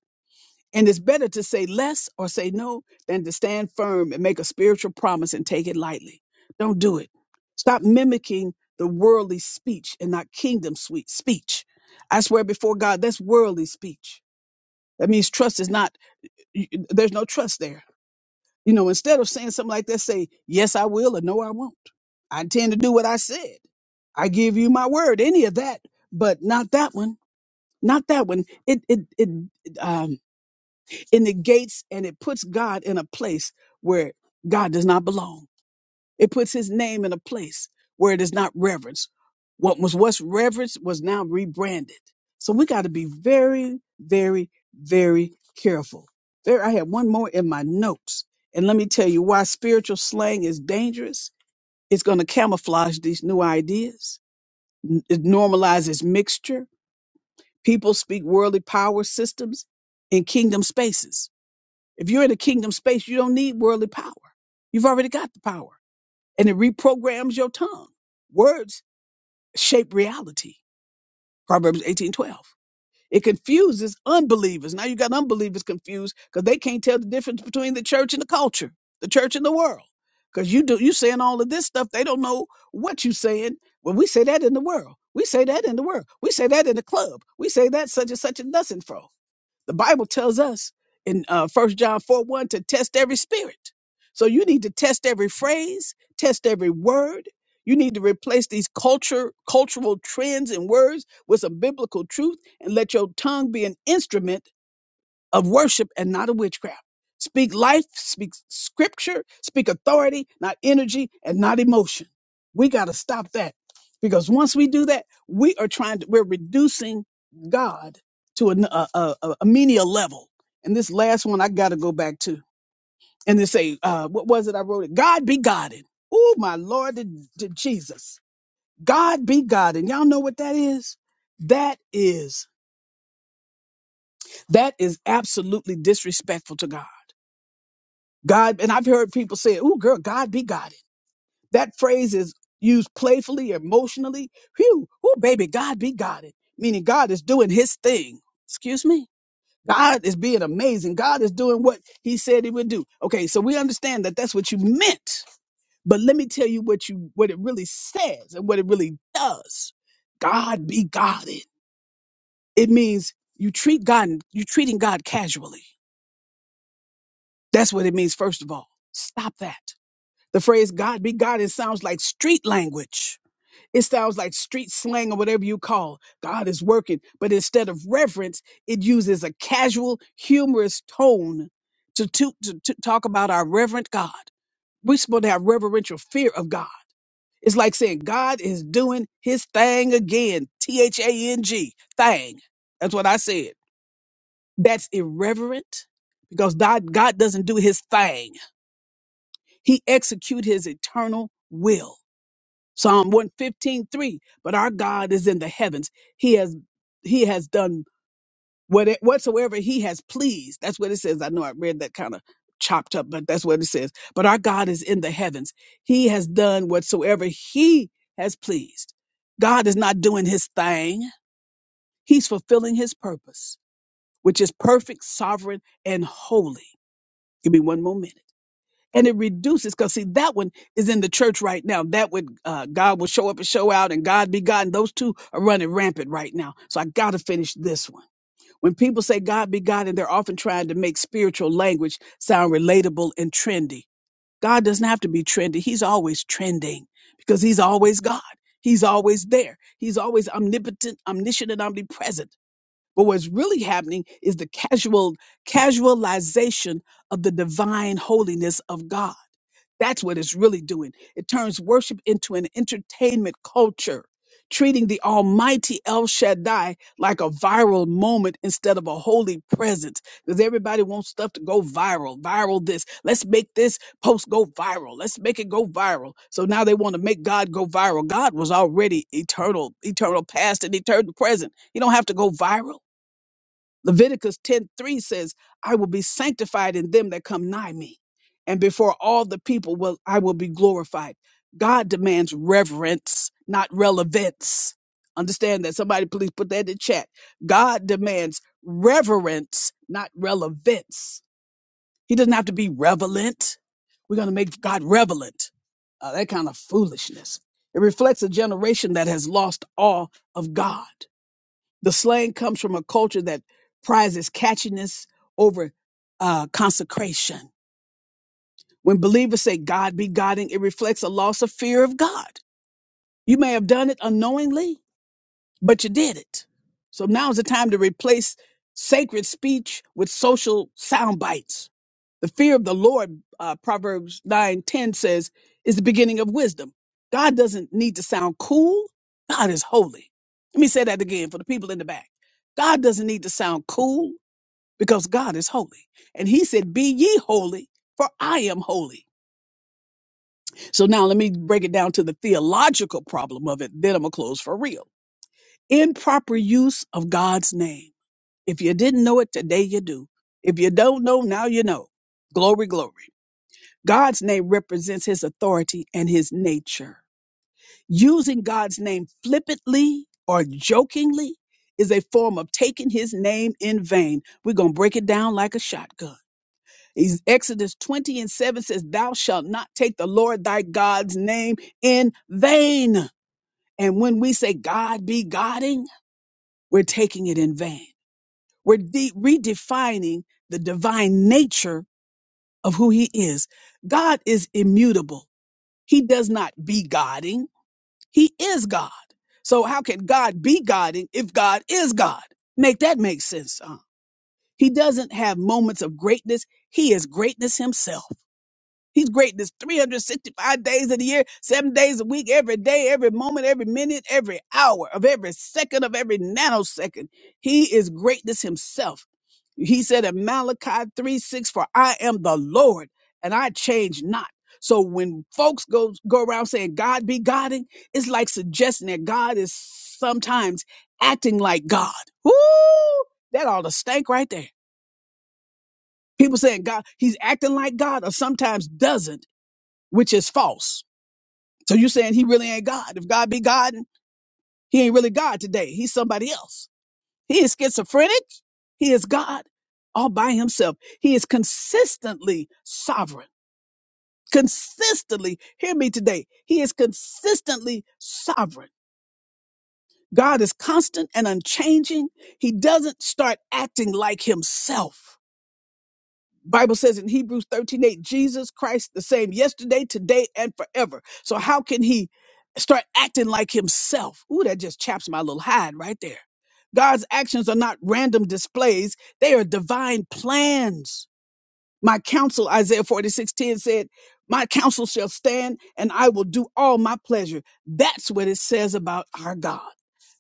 A: And it's better to say less or say no than to stand firm and make a spiritual promise and take it lightly. Don't do it. Stop mimicking the worldly speech and not kingdom sweet speech. I swear before God, that's worldly speech. That means trust is not, y- y- there's no trust there. You know, instead of saying something like that, say, yes, I will or no, I won't. I intend to do what I said. I give you my word, any of that, but not that one not that one. It it it um, it negates and it puts God in a place where God does not belong. It puts His name in a place where it is not reverenced. What was once reverenced was now rebranded. So we got to be very, very, very careful. There, I have one more in my notes, and let me tell you why spiritual slang is dangerous. It's going to camouflage these new ideas. N- It normalizes mixture People speak worldly power systems in kingdom spaces. If you're in a kingdom space, you don't need worldly power. You've already got the power, and it reprograms your tongue. Words shape reality. Proverbs 18:12. It confuses unbelievers. Now you got unbelievers confused because they can't tell the difference between the church and the culture, the church and the world. Because you do you saying all of this stuff, they don't know what you saying. Well, we say that in the world. We say that in the world. We say that in the club. We say that such and such and nothing fro. The Bible tells us in uh, 1 John 4 1 to test every spirit. So you need to test every phrase, test every word. You need to replace these culture, cultural trends and words with some biblical truth and let your tongue be an instrument of worship and not of witchcraft. Speak life, speak scripture, speak authority, not energy and not emotion. We got to stop that because once we do that, we are trying to, we're reducing God to an- a, a, a, a menial level. And this last one I got to go back to. And they say, uh, what was it I wrote? It God be Godded. Oh, my Lord did did Jesus. God be God. And y'all know what that is? That is, that is absolutely disrespectful to God God, and I've heard people say, "Ooh, girl, God be God." That phrase is used playfully, emotionally. Phew, ooh, baby, God be God it, meaning God is doing His thing. Excuse me. God is being amazing. God is doing what He said He would do. Okay, so we understand that that's what you meant, but let me tell you what you what it really says and what it really does. God be God It It means you treat God, you are treating God casually. That's what it means. First of all, stop that. The phrase God be God, it sounds like street language. It sounds like street slang or whatever you call. God is working. But instead of reverence, it uses a casual, humorous tone to, to, to, to talk about our reverent God. We're supposed to have reverential fear of God. It's like saying God is doing his thing again. T H A N G, thing. That's what I said. That's irreverent because God, God doesn't do his thing. He execute his eternal will. Psalm one fifteen three. But our God is in the heavens. He has he has done what whatsoever he has pleased. That's what it says. I know I read that kind of chopped up, but that's what it says. But our God is in the heavens. He has done whatsoever he has pleased. God is not doing his thing. He's fulfilling his purpose, which is perfect, sovereign, and holy. Give me one moment and it reduces because see that one is in the church right now that would uh, god will show up and show out and god be god and those two are running rampant right now so i gotta finish this one when people say god be god and they're often trying to make spiritual language sound relatable and trendy god doesn't have to be trendy he's always trending because he's always god he's always there he's always omnipotent omniscient and omnipresent but what's really happening is the casual casualization of the divine holiness of god that's what it's really doing. It turns worship into an entertainment culture, treating the almighty El Shaddai like a viral moment instead of a holy presence. Because everybody wants stuff to go viral, viral this. Let's make this post go viral. Let's make it go viral. So now they want to make God go viral. God was already eternal, eternal past and eternal present. You don't have to go viral. Leviticus 10 3 says, I will be sanctified in them that come nigh me, and before all the people will I will be glorified. God demands reverence, not relevance. Understand that. Somebody please put that in the chat. God demands reverence, not relevance. He doesn't have to be relevant. We're going to make God relevant. Uh, that kind of foolishness. It reflects a generation that has lost awe of God. The slang comes from a culture that prizes catchiness over uh, consecration. When believers say, God be God, it reflects a loss of fear of God. You may have done it unknowingly, but you did it. So now's the time to replace sacred speech with social sound bites. The fear of the Lord, uh, Proverbs nine ten says, is the beginning of wisdom. God doesn't need to sound cool. God is holy. Let me say that again for the people in the back. God doesn't need to sound cool because God is holy. And he said, Be ye holy, for I am holy. So now let me break it down to the theological problem of it. Then I'm going to close for real improper use of God's name. If you didn't know it today, you do. If you don't know, now you know. Glory, glory. God's name represents his authority and his nature. Using God's name flippantly or jokingly is a form of taking his name in vain. We're going to break it down like a shotgun. He's- Exodus 20 and 7 says, Thou shalt not take the Lord thy God's name in vain. And when we say God be Godding, we're taking it in vain. We're de- redefining the divine nature of who he is. God is immutable. He does not be godding. He is God. So how can God be godding if God is God? Make that make sense. huh? He doesn't have moments of greatness. He is greatness himself. He's great this 365 days of the year, seven days a week, every day, every moment, every minute, every hour of every second of every nanosecond. He is greatness himself. He said in Malachi 3 6, For I am the Lord and I change not. So when folks go go around saying God be Godding, it's like suggesting that God is sometimes acting like God. Woo! That ought to stink right there. People saying God, he's acting like God or sometimes doesn't which is false. So you saying he really ain't God. If God be God, he ain't really God today. He's somebody else. He is schizophrenic. He is God all by himself. He is consistently sovereign. Consistently, hear me today. He is consistently sovereign. God is constant and unchanging. He doesn't start acting like himself. Bible says in Hebrews 13 8 Jesus Christ the same yesterday, today, and forever. So how can he start acting like himself? Ooh, that just chaps my little hide right there. God's actions are not random displays, they are divine plans. My counsel, Isaiah 46 10 said, My counsel shall stand and I will do all my pleasure. That's what it says about our God.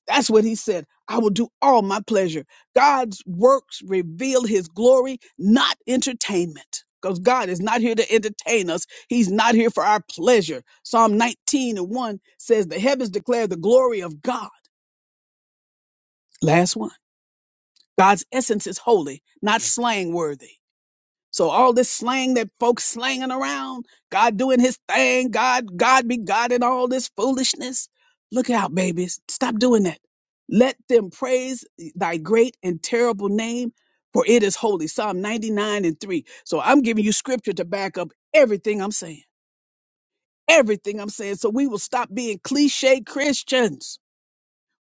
A: That's what he said. I will do all my pleasure. God's works reveal his glory, not entertainment. Because God is not here to entertain us. He's not here for our pleasure. Psalm 19 and 1 says, The heavens declare the glory of God. Last one. God's essence is holy, not slang worthy. So all this slang that folks slanging around, God doing his thing, God, God be God and all this foolishness. Look out, babies. Stop doing that. Let them praise thy great and terrible name, for it is holy. Psalm 99 and 3. So I'm giving you scripture to back up everything I'm saying. Everything I'm saying. So we will stop being cliche Christians.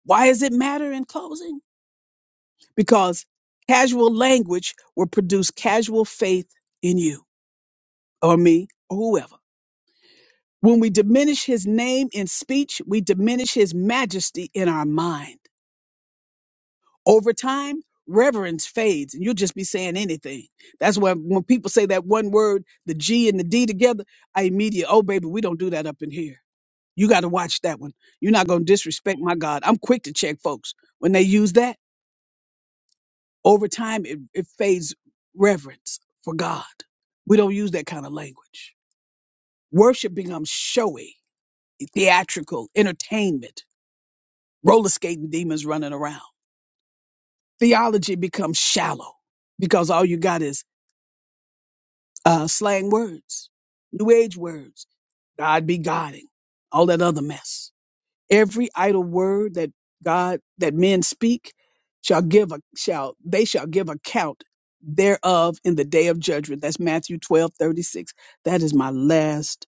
A: Why does it matter in closing? Because casual language will produce casual faith in you or me or whoever. When we diminish his name in speech, we diminish his majesty in our mind. Over time, reverence fades and you'll just be saying anything. That's why when people say that one word, the G and the D together, I immediately, oh, baby, we don't do that up in here. You got to watch that one. You're not going to disrespect my God. I'm quick to check folks. When they use that, over time, it, it fades reverence for God. We don't use that kind of language. Worship becomes showy, theatrical, entertainment roller skating demons running around. Theology becomes shallow because all you got is uh, slang words, new age words, God be guiding, all that other mess. Every idle word that God that men speak shall give a shall they shall give account thereof in the day of judgment. That's Matthew twelve thirty six. That is my last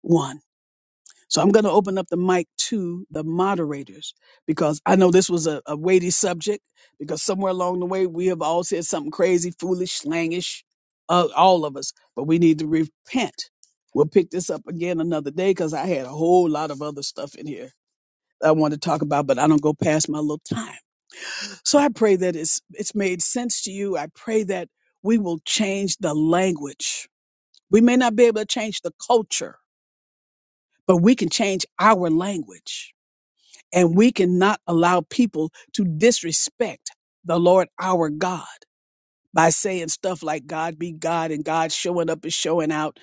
A: one. So I'm going to open up the mic to the moderators because I know this was a, a weighty subject because somewhere along the way we have all said something crazy, foolish, slangish, uh, all of us, but we need to repent. We'll pick this up again another day because I had a whole lot of other stuff in here that I want to talk about, but I don't go past my little time. So I pray that it's it's made sense to you. I pray that we will change the language. We may not be able to change the culture, but we can change our language And we cannot allow people to disrespect the Lord our God by saying stuff like God be God and God showing up and showing out,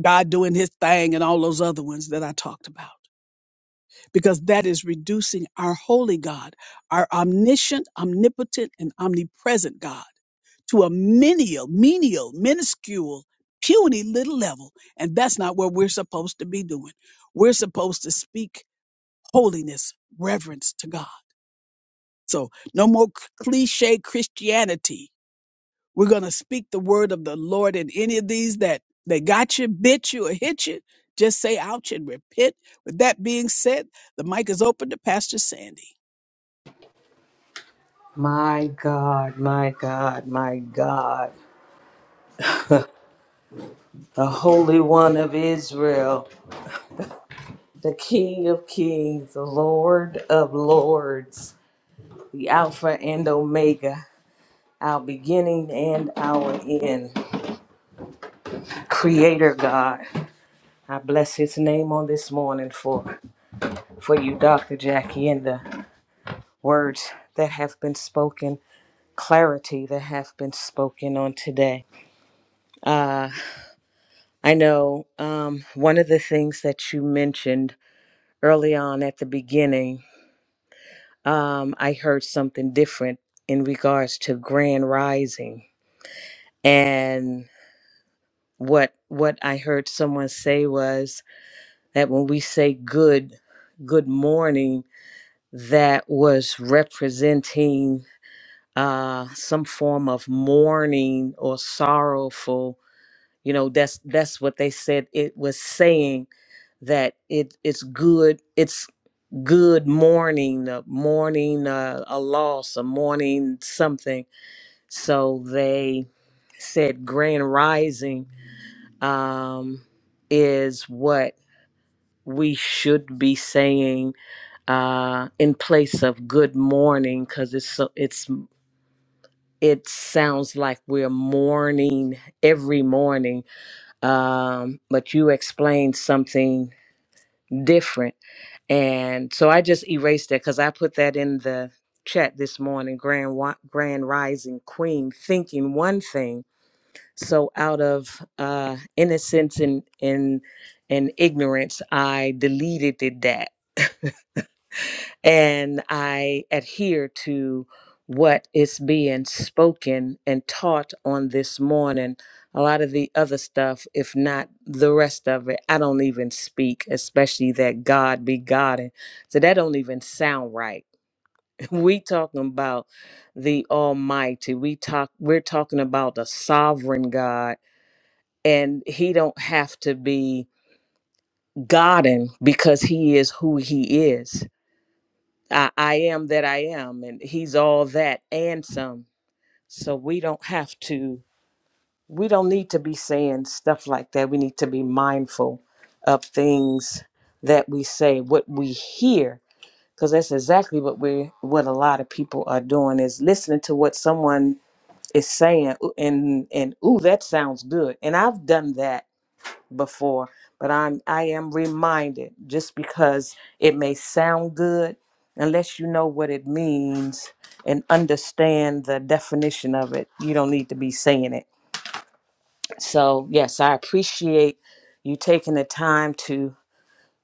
A: God doing his thing, and all those other ones that I talked about. Because that is reducing our holy God, our omniscient, omnipotent, and omnipresent God to a menial, menial, minuscule, puny little level. And that's not what we're supposed to be doing. We're supposed to speak holiness, reverence to God. So no more cliche Christianity. We're going to speak the word of the Lord in any of these that, that got you, bit you, or hit you. Just say ouch and repent. With that being said, the mic is open to Pastor Sandy.
B: My God, my God, my God, the Holy One of Israel, the King of Kings, the Lord of Lords, the Alpha and Omega, our beginning and our end, Creator God. I bless His name on this morning for, for you, Dr. Jackie, and the words that have been spoken, clarity that have been spoken on today. Uh, I know um, one of the things that you mentioned early on at the beginning, um, I heard something different in regards to grand rising. And what what I heard someone say was that when we say good good morning, that was representing uh, some form of mourning or sorrowful. You know, that's that's what they said it was saying that it it's good. good mourning, uh, mourning uh, a loss, a mourning something. So they said grand rising um, is what we should be saying uh, in place of good morning because it's so, it's it sounds like we're mourning every morning. Um, but you explained something different And so I just erased that because I put that in the chat this morning, Grand Wi- Grand Rising Queen, thinking one thing. So out of uh, innocence and and and ignorance, I deleted it, that and I adhere to what is being spoken and taught on this morning. A lot of the other stuff, if not the rest of it, I don't even speak, especially that God be God. And so that don't even sound right. We talking about the Almighty. We talk we're talking about the sovereign God. And he don't have to be Godden because he is who he is I, I am that I am, and he's all that and some. So we don't have to, we don't need to be saying stuff like that. We need to be mindful of things that we say, what we hear, because that's exactly what we what a lot of people are doing is listening to what someone is saying ooh, and and ooh, that sounds good. And I've done that before, but I'm I am reminded just because it may sound good, unless you know what it means and understand the definition of it, you don't need to be saying it. So yes, I appreciate you taking the time to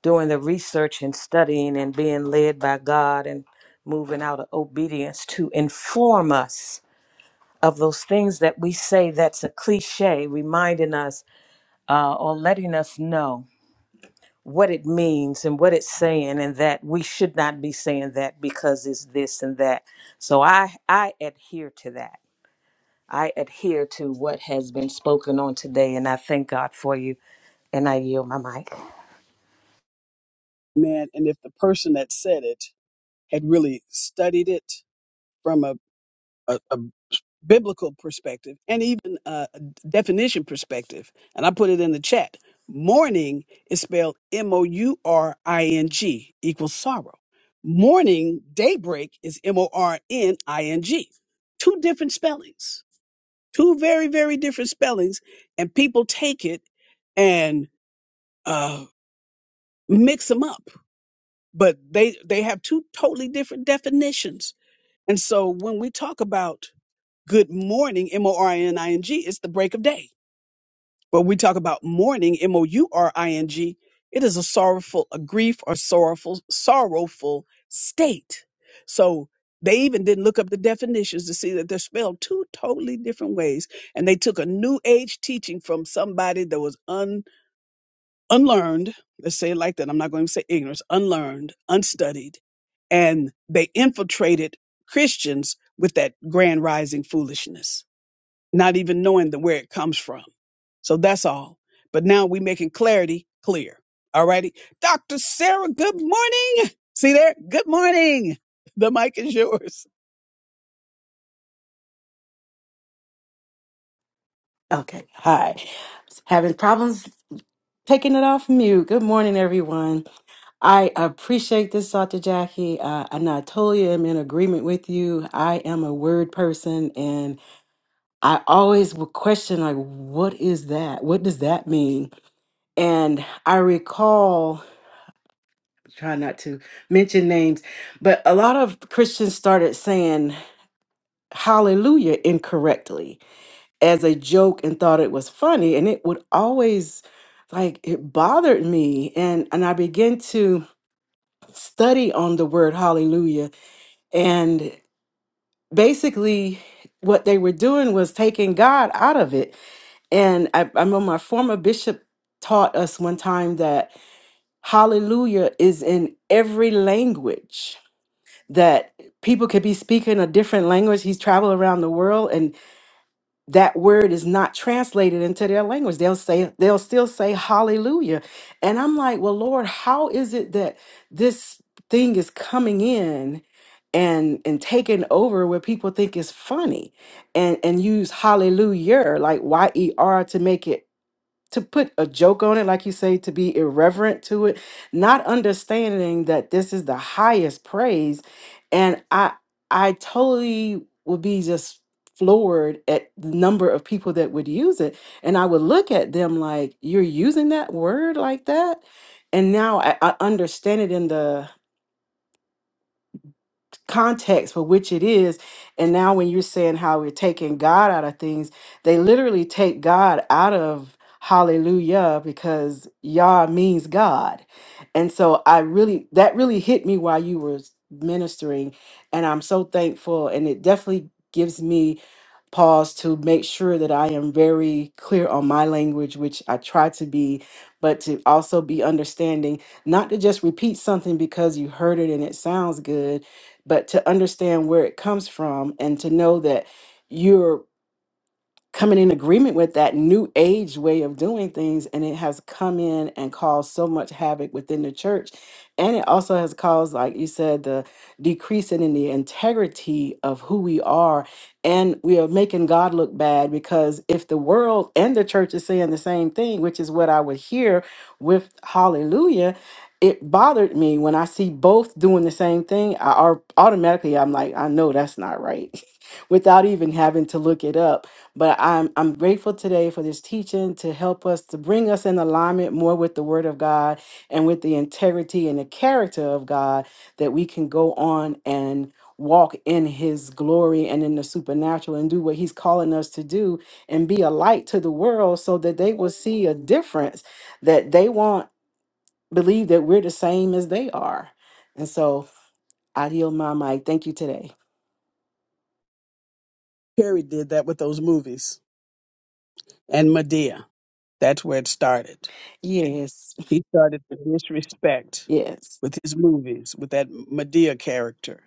B: doing the research and studying and being led by God and moving out of obedience to inform us of those things that we say that's a cliche, reminding us uh, or letting us know what it means and what it's saying and that we should not be saying that because it's this and that so i i adhere to that i adhere to what has been spoken on today and i thank god for you and i yield my mic
A: Man, and if the person that said it had really studied it from a, a, a biblical perspective and even uh, definition perspective. And I put it in the chat. Mourning is spelled M O U R I N G equals sorrow. Morning, daybreak is M O R N I N G. Two different spellings, two very, very different spellings. And people take it and uh, mix them up, but they, they have two totally different definitions. And so when we talk about Good morning, M O R I N I N G. It's the break of day. But we talk about mourning, M O U R I N G. It is a sorrowful, a grief or sorrowful, sorrowful state. So they even didn't look up the definitions to see that they're spelled two totally different ways. And they took a new age teaching from somebody that was un, unlearned. Let's say it like that. I'm not going to say ignorance, unlearned, unstudied. And they infiltrated Christians with that grand rising foolishness not even knowing the, where it comes from. So that's all. But now we making clarity clear. All righty. Dr. Sarah, good morning. See there? Good morning. The mic is yours.
C: Okay. Hi. Having problems taking it off mute. Good morning, everyone. I appreciate this, Dr. Jackie. Uh, and I totally am in agreement with you. I am a word person, and I always will question, like, what is that? What does that mean? And I recall, try not to mention names, but a lot of Christians started saying hallelujah incorrectly as a joke and thought it was funny and it would always like it bothered me and and I began to study on the word hallelujah and basically what they were doing was taking God out of it and I, I remember my former bishop taught us one time that hallelujah is in every language that people could be speaking a different language he's traveled around the world and. that word is not translated into their language they'll say they'll still say hallelujah and i'm like well lord how is it that this thing is coming in and and taking over where people think is funny and and use hallelujah like y-e-r to make it to put a joke on it, like you say, to be irreverent to it, not understanding that this is the highest praise. And I I totally would be just floored at the number of people that would use it. And I would look at them like, you're using that word like that? And now I, I understand it in the context for which it is. And now when you're saying how we're taking God out of things, they literally take God out of hallelujah because Yah means God. And so I really that really hit me while you were ministering and I'm so thankful and it definitely gives me pause to make sure that I am very clear on my language, which I try to be, but to also be understanding, not to just repeat something because you heard it and it sounds good, but to understand where it comes from and to know that. you're coming in agreement with that new age way of doing things and it has come in and caused so much havoc within the church and it also has caused like you said the decreasing in the integrity of who we are and we are making god look bad because if the world and the church is saying the same thing which is what i would hear with hallelujah it bothered me when i see both doing the same thing i are automatically i'm like i know that's not right without even having to look it up but I'm I'm grateful today for this teaching to help us to bring us in alignment more with the word of God and with the integrity and the character of God that we can go on and walk in his glory and in the supernatural and do what he's calling us to do and be a light to the world so that they will see a difference that they won't believe that we're the same as they are. And so I yield my mic. Thank you today.
A: Perry did that with those movies and Medea. That's where it started.
C: Yes.
A: He started to disrespect
C: Yes.
A: with his movies, with that Medea character.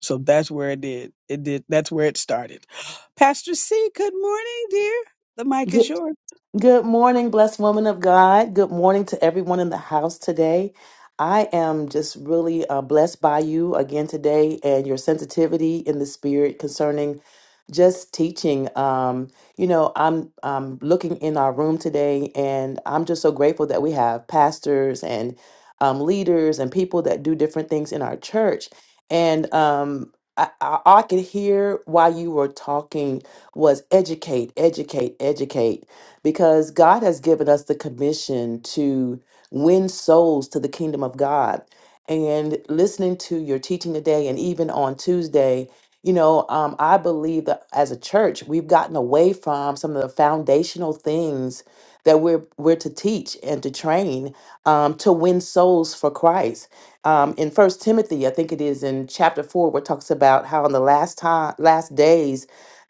A: So that's where it did. It did. That's where it started. Pastor C, good morning, dear. The mic is
D: Good,
A: yours.
D: good morning, blessed woman of God. Good morning to everyone in the house today. I am just really uh, blessed by you again today and your sensitivity in the spirit concerning just teaching. Um, you know, I'm I'm looking in our room today, and I'm just so grateful that we have pastors and um, leaders and people that do different things in our church. And um, I, I, I could hear while you were talking was educate, educate, educate because God has given us the commission to win souls to the kingdom of God. And listening to your teaching today and even on Tuesday, you know, um, I believe that as a church, we've gotten away from some of the foundational things that we're we're to teach and to train um, to win souls for Christ. Um, in First Timothy, I think it is in chapter four, where it talks about how in the last time, last days,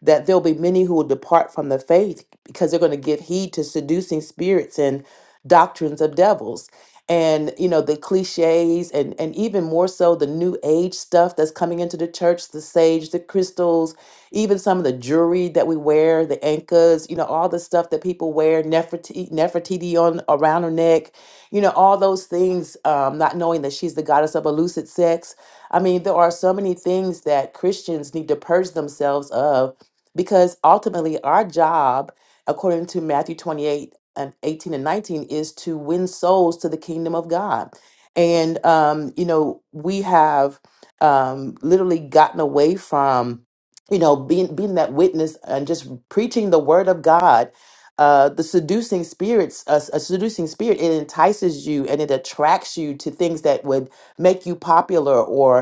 D: that there'll be many who will depart from the faith because they're going to give heed to seducing spirits and doctrines of devils and you know the cliches and and even more so the new age stuff that's coming into the church the sage the crystals even some of the jewelry that we wear the ankas you know all the stuff that people wear nefertiti, nefertiti on around her neck you know all those things um, not knowing that she's the goddess of illicit sex i mean there are so many things that christians need to purge themselves of because ultimately our job according to matthew 28 and 18 and 19 is to win souls to the kingdom of god and um you know we have um literally gotten away from you know being being that witness and just preaching the word of god uh, the seducing spirits, a, a seducing spirit, it entices you and it attracts you to things that would make you popular or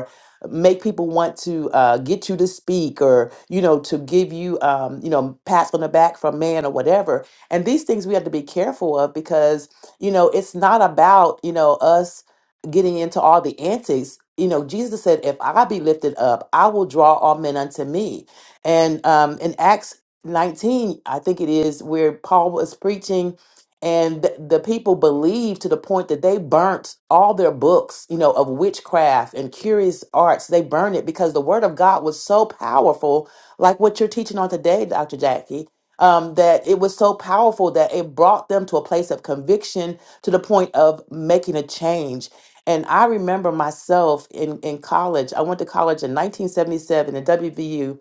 D: make people want to uh, get you to speak or you know to give you um, you know pats on the back from man or whatever and these things we have to be careful of because you know it's not about you know us getting into all the antics you know jesus said if i be lifted up i will draw all men unto me and um in acts 19 i think it is where paul was preaching and th- the people believed to the point that they burnt all their books you know of witchcraft and curious arts they burned it because the word of god was so powerful like what you're teaching on today dr jackie um, that it was so powerful that it brought them to a place of conviction to the point of making a change and i remember myself in, in college i went to college in 1977 at wvu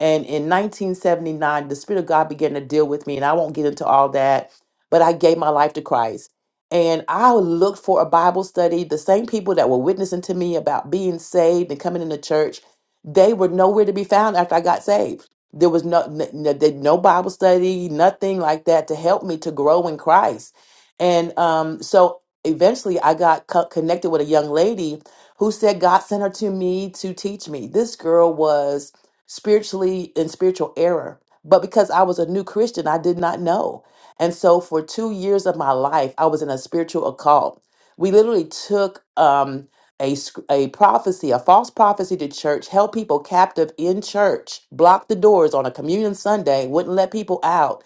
D: and in 1979, the Spirit of God began to deal with me, and I won't get into all that, but I gave my life to Christ. And I looked for a Bible study. The same people that were witnessing to me about being saved and coming into church, they were nowhere to be found after I got saved. There was no, n- n- did no Bible study, nothing like that to help me to grow in Christ. And um, so eventually I got co- connected with a young lady who said God sent her to me to teach me. This girl was spiritually in spiritual error. But because I was a new Christian, I did not know. And so for two years of my life, I was in a spiritual occult. We literally took um, a, sc- a prophecy, a false prophecy to church, held people captive in church, blocked the doors on a communion Sunday, wouldn't let people out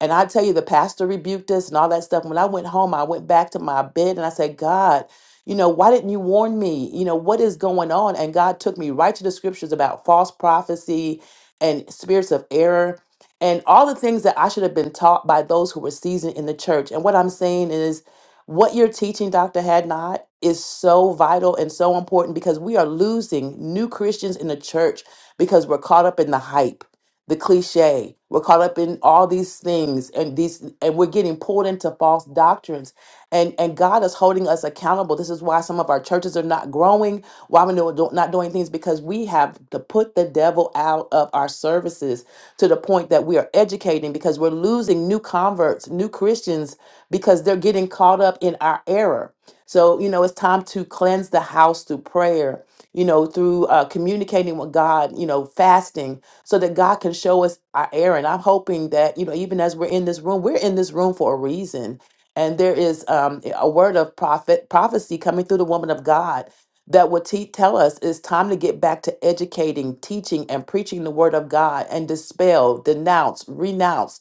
D: and I tell you, the pastor rebuked us and all that stuff. When I went home, I went back to my bed and I said, God, you know, why didn't you warn me? You know, what is going on? And God took me right to the scriptures about false prophecy and spirits of error and all the things that I should have been taught by those who were seasoned in the church. And what I'm saying is, what you're teaching, Dr. Hadnot, is so vital and so important because we are losing new Christians in the church because we're caught up in the hype the cliche. We're caught up in all these things and these and we're getting pulled into false doctrines. And and God is holding us accountable. This is why some of our churches are not growing, why we're no- don't- not doing things because we have to put the devil out of our services to the point that we are educating because we're losing new converts, new Christians because they're getting caught up in our error so, you know, it's time to cleanse the house through prayer, you know, through uh, communicating with God, you know, fasting so that God can show us our error. And I'm hoping that, you know, even as we're in this room, we're in this room for a reason. And there is um, a word of prophet prophecy coming through the woman of God that will te- tell us it's time to get back to educating, teaching, and preaching the word of God and dispel, denounce, renounce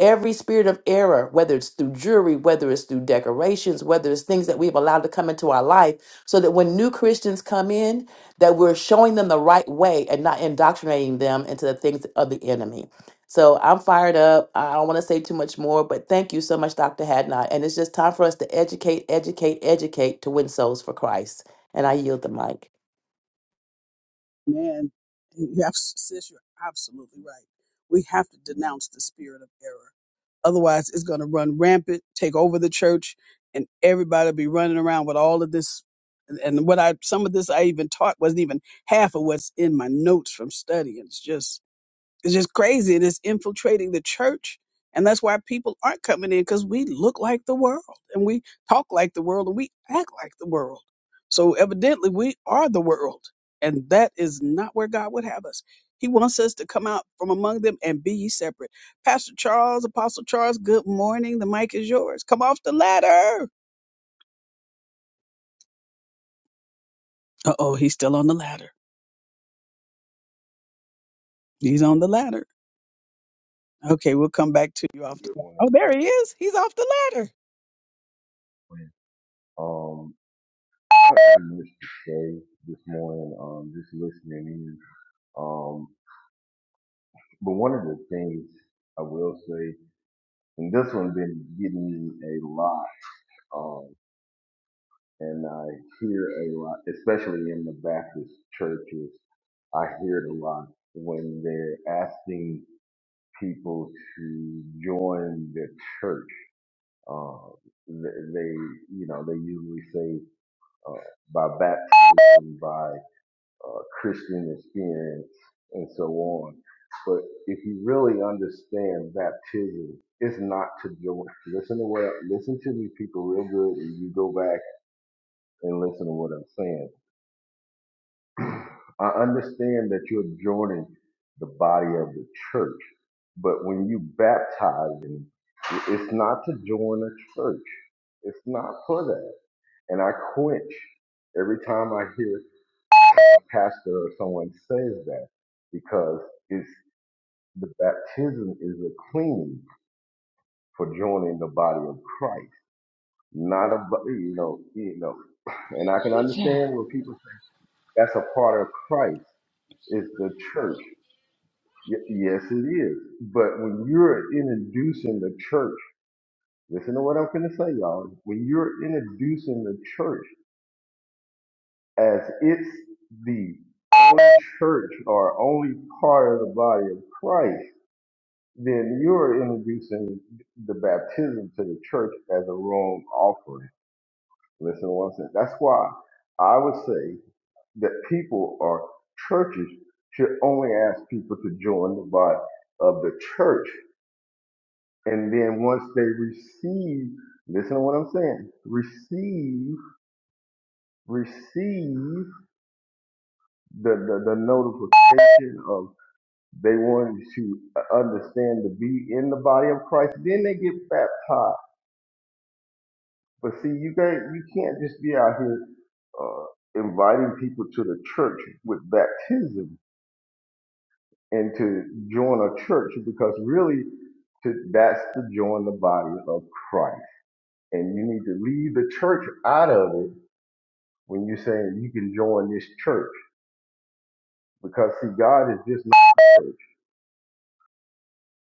D: Every spirit of error, whether it's through jewelry, whether it's through decorations, whether it's things that we've allowed to come into our life, so that when new Christians come in, that we're showing them the right way and not indoctrinating them into the things of the enemy. So I'm fired up. I don't want to say too much more, but thank you so much, Dr. Hadnot. And it's just time for us to educate, educate, educate to win souls for Christ. And I yield the mic.
A: Man, you have, sis, you're absolutely right. We have to denounce the spirit of error. Otherwise, it's going to run rampant, take over the church, and everybody will be running around with all of this. And and what I, some of this I even taught wasn't even half of what's in my notes from studying. It's just it's just crazy and it's infiltrating the church. And that's why people aren't coming in because we look like the world and we talk like the world and we act like the world. So evidently we are the world. And that is not where God would have us. He wants us to come out from among them and be ye separate. Pastor Charles, Apostle Charles, good morning. The mic is yours. Come off the ladder. Uh oh, he's still on the ladder. He's on the ladder. Okay, we'll come back to you after.
E: Good morning.
A: Oh, there he is. He's off the ladder.
E: Um, I had a nice day this morning, um, just listening in. Um, but one of the things I will say, and this one been getting me a lot, um, and I hear a lot, especially in the Baptist churches, I hear it a lot when they're asking people to join the church. Uh, th- they, you know, they usually say uh, by baptism, by uh, Christian experience and so on. But if you really understand baptism, it's not to join. Listen to what listen to these people real good, and you go back and listen to what I'm saying. I understand that you're joining the body of the church, but when you baptizing, and it's not to join a church. It's not for that. And I quench every time I hear pastor or someone says that because it's the baptism is a cleaning for joining the body of Christ, not a bu- you know you know. And I can
B: Good
E: understand when people say that's a part of Christ is the church. Y- yes, it is. But when you're introducing the church, listen to what I'm going to say, y'all. When you're introducing the church as it's the only church or only part of the body of Christ then you're introducing the baptism to the church as a wrong offering. Listen, to what I'm saying. That's why I would say that people or churches should only ask people to join the body of the church, and then once they receive, listen to what I'm saying. Receive, receive the the, the notification of they wanted to understand to be in the body of Christ. Then they get baptized But see, you got you can't just be out here uh, inviting people to the church with baptism and to join a church because really, to, that's to join the body of Christ, and you need to leave the church out of it when you're saying you can join this church because see, God is just not the church.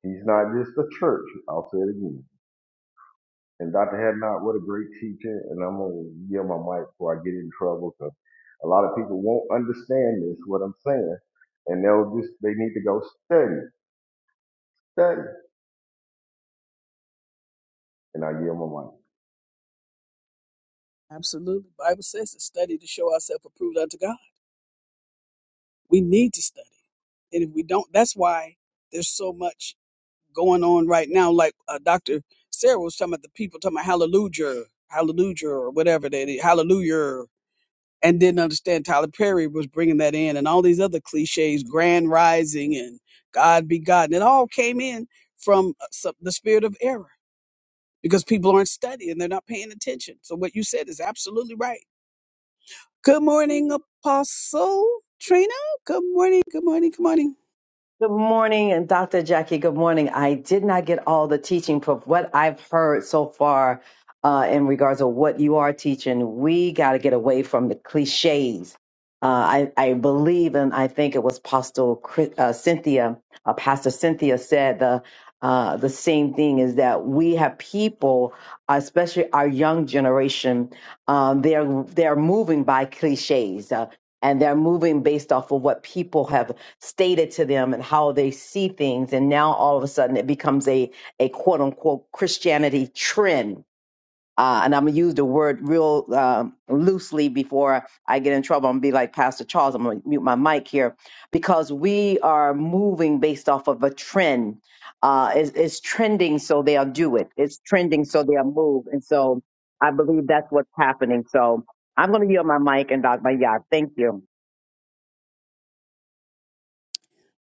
E: He's not just the church. I'll say it again. And Dr. Hadnot, what a great teacher. And I'm going to yield my mic before I get in trouble because a lot of people won't understand this, what I'm saying. And they'll just, they need to go study, study. And I yield my mic.
A: Absolutely. Bible says to study to show ourselves approved unto God. We need to study. And if we don't, that's why there's so much going on right now. Like uh, Dr. Sarah was talking about the people talking about hallelujah, hallelujah, or whatever they did, hallelujah. And didn't understand Tyler Perry was bringing that in and all these other cliches, grand rising and God be God. And it all came in from uh, some- the spirit of error because people aren't studying. They're not paying attention. So what you said is absolutely right Good morning, Apostle Trina. Good morning, good morning, good morning.
F: Good morning, and Dr. Jackie, good morning. I did not get all the teaching, but what I've heard so far uh, in regards to what you are teaching, we got to get away from the cliches. Uh, I, I believe, and I think it was Apostle Chris, uh, Cynthia, uh, Pastor Cynthia said the uh, the same thing is that we have people, especially our young generation, um, they're they're moving by cliches. Uh, and they're moving based off of what people have stated to them and how they see things and now all of a sudden it becomes a a quote unquote christianity trend uh, and i'm going to use the word real um, loosely before i get in trouble and be like pastor charles i'm going to mute my mic here because we are moving based off of a trend uh, it's, it's trending so they'll do it it's trending so they'll move and so i believe that's what's happening so i'm going to yield my mic and dr. yeah thank you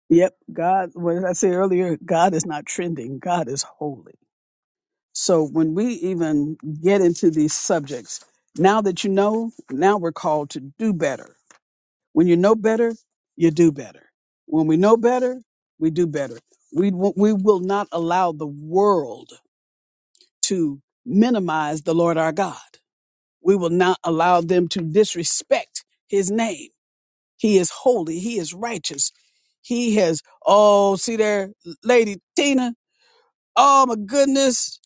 A: Yep, God, what did I say earlier? God is not trending, God is holy. So when we even get into these subjects, now that you know, now we're called to do better. When you know better, you do better. When we know better, we do better. We, w- we will not allow the world to minimize the Lord our God. We will not allow them to disrespect his name He is holy. He is righteous. He has, oh, see there, Lady Tina. Oh my goodness.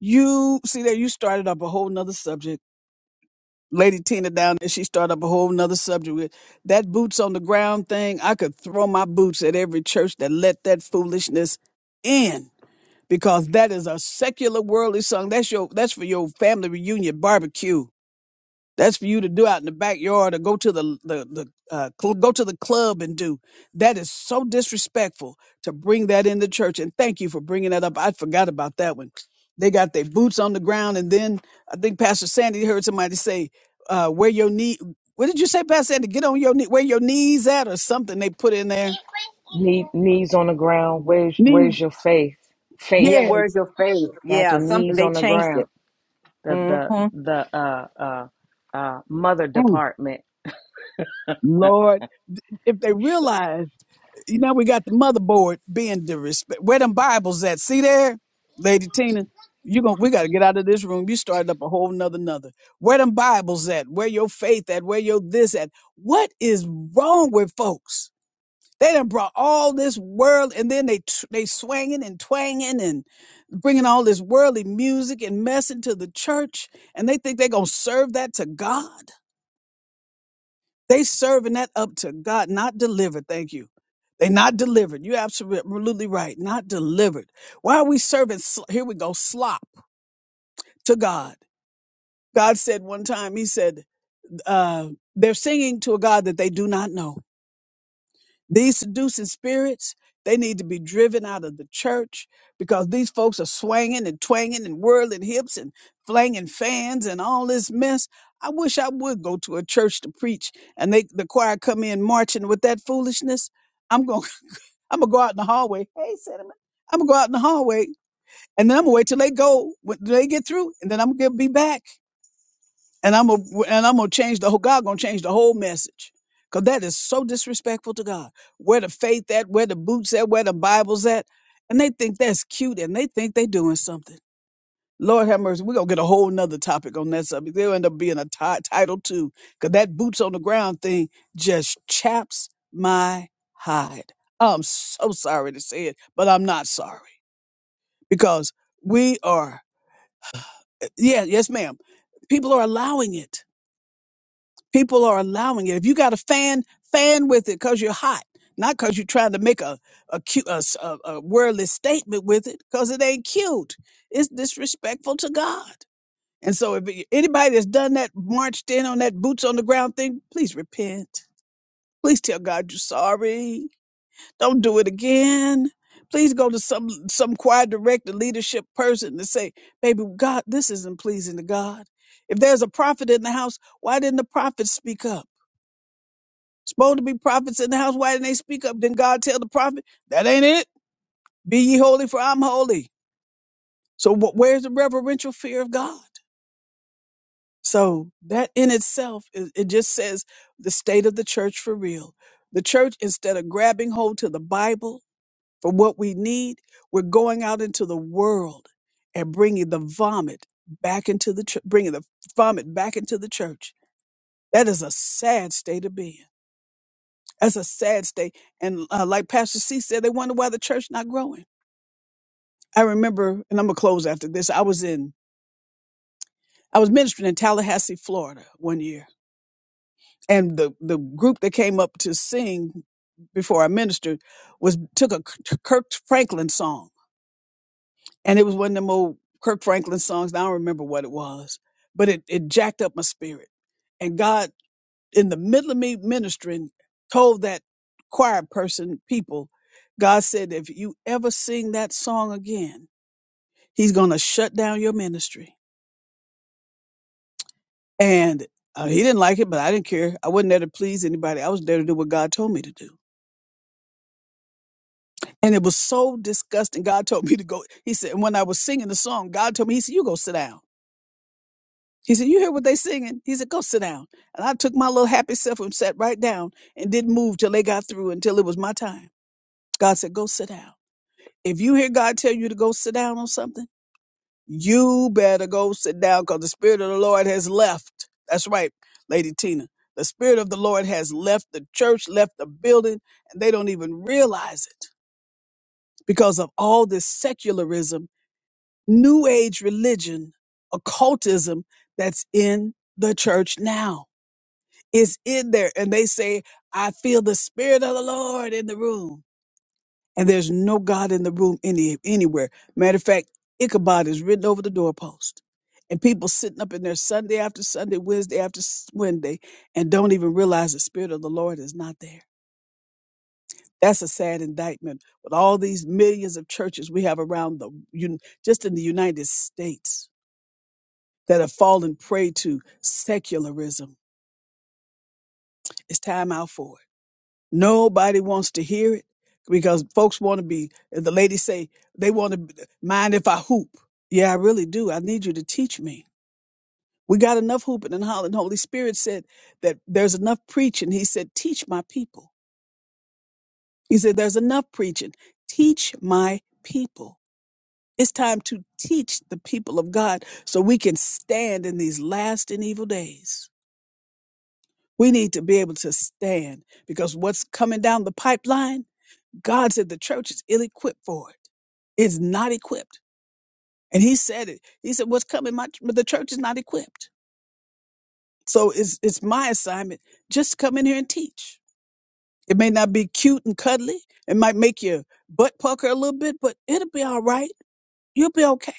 A: You see there, you started up a whole nother subject. Lady Tina down there, she started up a whole nother subject with that boots on the ground thing. I could throw my boots at every church that let that foolishness in because that is a secular worldly song. That's your that's for your family reunion barbecue. That's for you to do out in the backyard or go to the the, the uh, cl- go to the club and do. That is so disrespectful to bring that in the church. And thank you for bringing that up. I forgot about that one. They got their boots on the ground, and then I think Pastor Sandy heard somebody say, uh, "Where your knee? What did you say, Pastor Sandy? Get on your knee. Where your knees at, or something?" They put in there.
B: Knee, knees on the ground. Where's
A: Knee.
B: where's your faith? Faith.
F: yeah
A: Yeah.
F: where's your faith
B: Got
F: yeah
B: your
F: something
B: knees
F: they
B: on the
F: changed it
B: ground. The the
F: hmm
B: the uh uh uh mother
A: Mm.
B: department.
A: Lord, if they realize. You know, we got the motherboard being the respect. Where them Bibles at? See there, Lady Tina. You going we gotta get out of this room. You started up a whole nother nother. Where them Bibles at? Where your faith at? Where your this at? What is wrong with folks? They done brought all this world, and then they tr- they swinging and twanging and bringing all this worldly music and mess into the church, and they think they gonna serve that to God. They serving that up to God, not delivered. Thank you. They not delivered. You're absolutely right. Not delivered. Why are we serving? sl- Here we go. Slop to God. God said one time, he said, uh, they're singing to a God that they do not know. These seducing spirits, they need to be driven out of the church because these folks are swanging and twanging and whirling hips and flanging fans and all this mess. I wish I would go to a church to preach and they the choir come in marching with that foolishness. I'm going to I'm going to go out in the hallway. Hey, cinnamon. I'm going to go out in the hallway and then I'm going to wait till they go when they get through and then I'm going to be back and I'm gonna and I'm gonna change the whole God gonna change the whole message. Cause that is so disrespectful to God. Where the faith at, where the boots at, where the Bible's at. And they think that's cute and they think they doing something. Lord have mercy, we're gonna get a whole nother topic on that subject. They'll end up being a ti- title too. Cause that boots on the ground thing just chaps my hide. I'm so sorry to say it, but I'm not sorry. Because we are yeah, yes, ma'am. People are allowing it People are allowing it. If you got a fan, fan with it because you're hot, not because you're trying to make a a, cute, a, s- a- a worldly statement with it because it ain't cute. It's disrespectful to God. And so, if it- anybody that's done that, marched in on that boots on the ground thing, please repent. Please tell God you're sorry. Don't do it again. Please go to some some choir director, leadership person, and say, "Baby, God, this isn't pleasing to God." If there's a prophet in the house, why didn't the prophet speak up? Supposed to be prophets in the house. Why didn't they speak up? Didn't God tell the prophet, that ain't it? Be ye holy for I'm holy. So wh- where's the reverential fear of God? So that in itself, is, it just says the state of the church for real. The church, instead of grabbing hold to the Bible for what we need, we're going out into the world and bringing the vomit back into the, chur- bringing the vomit back into the church. That is a sad state of being. That's a sad state. And uh, like Pastor C said, they wonder why the church not growing. I remember, and I'm gonna close after this. I was in, I was ministering in Tallahassee, Florida, one year, and the the group that came up to sing before I ministered was took a K- Kirk Franklin song, and it was one of them old Kirk Franklin songs. and I don't remember what it was, but it it jacked up my spirit, and God in the middle of me ministering, told that choir person, people, God said, if you ever sing that song again, he's going to shut down your ministry. And uh, he didn't like it, but I didn't care. I wasn't there to please anybody. I was there to do what God told me to do. And it was so disgusting. God told me to go. He said, and when I was singing the song, God told me, he said, you go sit down. He said, you hear what they singing? He said, go sit down. And I took my little happy self and sat right down and didn't move till they got through until it was my time. God said, go sit down. if you hear God tell you to go sit down on something, you better go sit down because the Spirit of the Lord has left. That's right, Lady Tina. The Spirit of the Lord has left the church, left the building, and they don't even realize it because of all this secularism, New Age religion, occultism that's in the church now. It's in there. And they say, I feel the Spirit of the Lord in the room. and there's no God in the room any anywhere. Matter of fact, Ichabod is written over the doorpost. And people sitting up in there Sunday after Sunday, Wednesday after s- Wednesday, and don't even realize the Spirit of the Lord is not there. That's a sad indictment with all these millions of churches we have around the, un- just in the United States that have fallen prey to secularism. It's time out for it. Nobody wants to hear it because folks want to be, as the ladies say, they want to mind if I hoop. Yeah, I really do. I need you to teach me. We got enough hooping and hollering. Holy Spirit said that there's enough preaching. He said, teach my people. He said, there's enough preaching. Teach my people. It's time to teach the people of God so we can stand in these last and evil days. We need to be able to stand because what's coming down the pipeline God said the church is ill equipped for it. It's not equipped. And he said it. He said, What's coming? My but the church is not equipped. So it's it's my assignment just to come in here and teach. It may not be cute and cuddly. It might make your butt pucker a little bit, but it'll be all right. You'll be okay.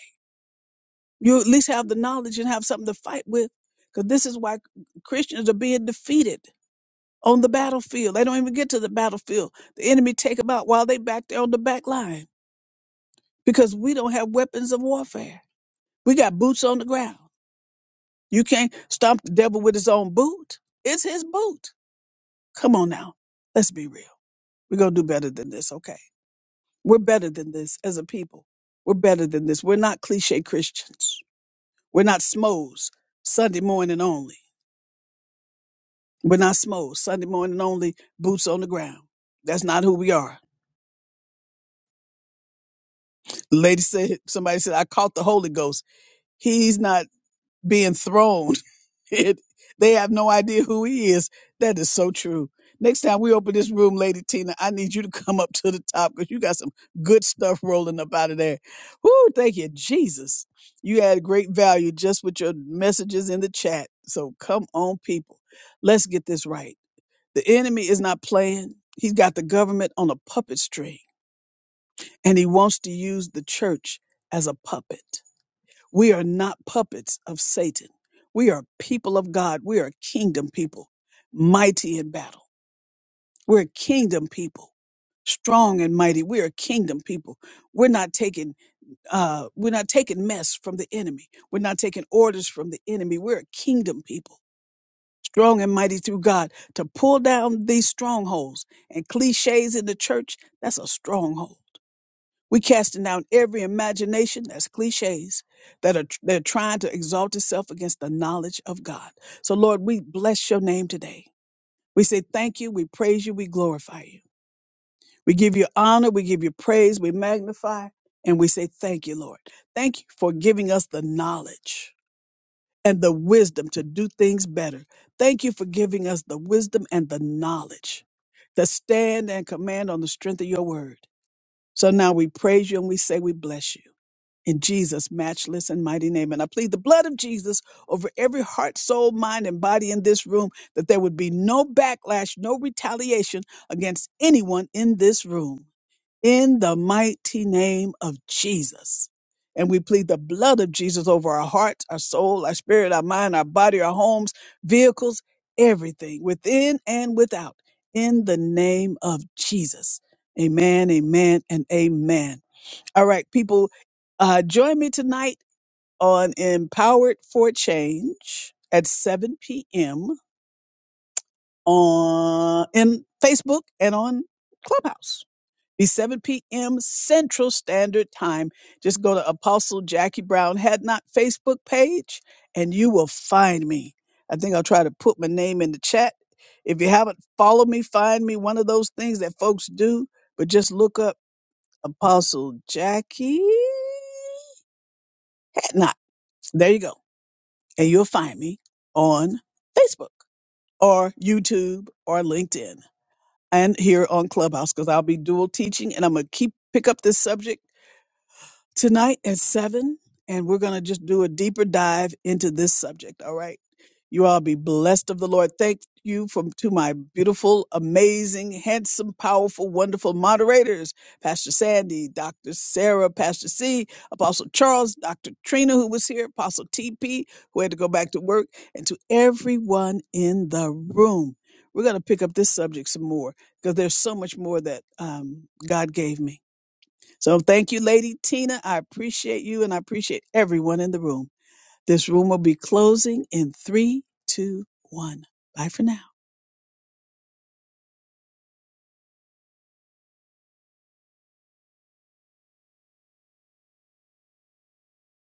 A: You'll at least have the knowledge and have something to fight with. Because this is why Christians are being defeated on the battlefield. They don't even get to the battlefield. The enemy take them out while they back there on the back line because we don't have weapons of warfare. We got boots on the ground. You can't stomp the devil with his own boot. It's his boot. Come on now. Let's be real. We're going to do better than this, okay? We're better than this as a people. We're better than this. We're not cliche Christians. We're not smos Sunday morning only. We're not smos Sunday morning only, boots on the ground. That's not who we are. The lady said, somebody said, I caught the Holy Ghost. He's not. being thrown. It, they have no idea who he is. That is so true. Next time we open this room, Lady Tina, I need you to come up to the top because you got some good stuff rolling up out of there. Whoo, thank you, Jesus. You had great value just with your messages in the chat. So come on, people. Let's get this right. The enemy is not playing. He's got the government on a puppet string, and he wants to use the church as a puppet. We are not puppets of Satan. We are people of God. We are kingdom people, mighty in battle. We're kingdom people, strong and mighty. We are kingdom people. We're not taking uh, we're not taking mess from the enemy. We're not taking orders from the enemy. We're a kingdom people, strong and mighty through God to pull down these strongholds and cliches in the church. That's a stronghold we casting down every imagination that's cliches that are they're trying to exalt itself against the knowledge of God. So Lord, we bless your name today. We say thank you, we praise you, we glorify you. We give you honor, we give you praise, we magnify, and we say thank you, Lord. Thank you for giving us the knowledge and the wisdom to do things better. Thank you for giving us the wisdom and the knowledge to stand and command on the strength of your word. So now we praise you and we say we bless you in Jesus' matchless and mighty name. And I plead the blood of Jesus over every heart, soul, mind, and body in this room that there would be no backlash, no retaliation against anyone in this room. In the mighty name of Jesus. And we plead the blood of Jesus over our hearts, our soul, our spirit, our mind, our body, our homes, vehicles, everything within and without. In the name of Jesus. Amen, amen, and amen. All right, people, uh, join me tonight on Empowered for Change at 7 p.m. on in Facebook and on Clubhouse. Be 7 p.m. Central Standard Time. Just go to Apostle Jackie Brown Had Not Facebook page and you will find me. I think I'll try to put my name in the chat. If you haven't followed me, find me one of those things that folks do, but just look up Apostle Jackie. There you go. And you'll find me on Facebook or YouTube or LinkedIn and here on Clubhouse because I'll be dual teaching and I'm going to keep pick up this subject tonight at seven, and we're going to just do a deeper dive into this subject. All right. You all be blessed of the Lord. Thank you from to my beautiful, amazing, handsome, powerful, wonderful moderators, Pastor Sandy, Dr. Sarah, Pastor C, Apostle Charles, Dr. Trina, who was here, Apostle TP, who had to go back to work, and to everyone in the room. We're going to pick up this subject some more because there's so much more that um, God gave me. So thank you, Lady Tina. I appreciate you and I appreciate everyone in the room. This room will be closing in three, two, one. Bye for now.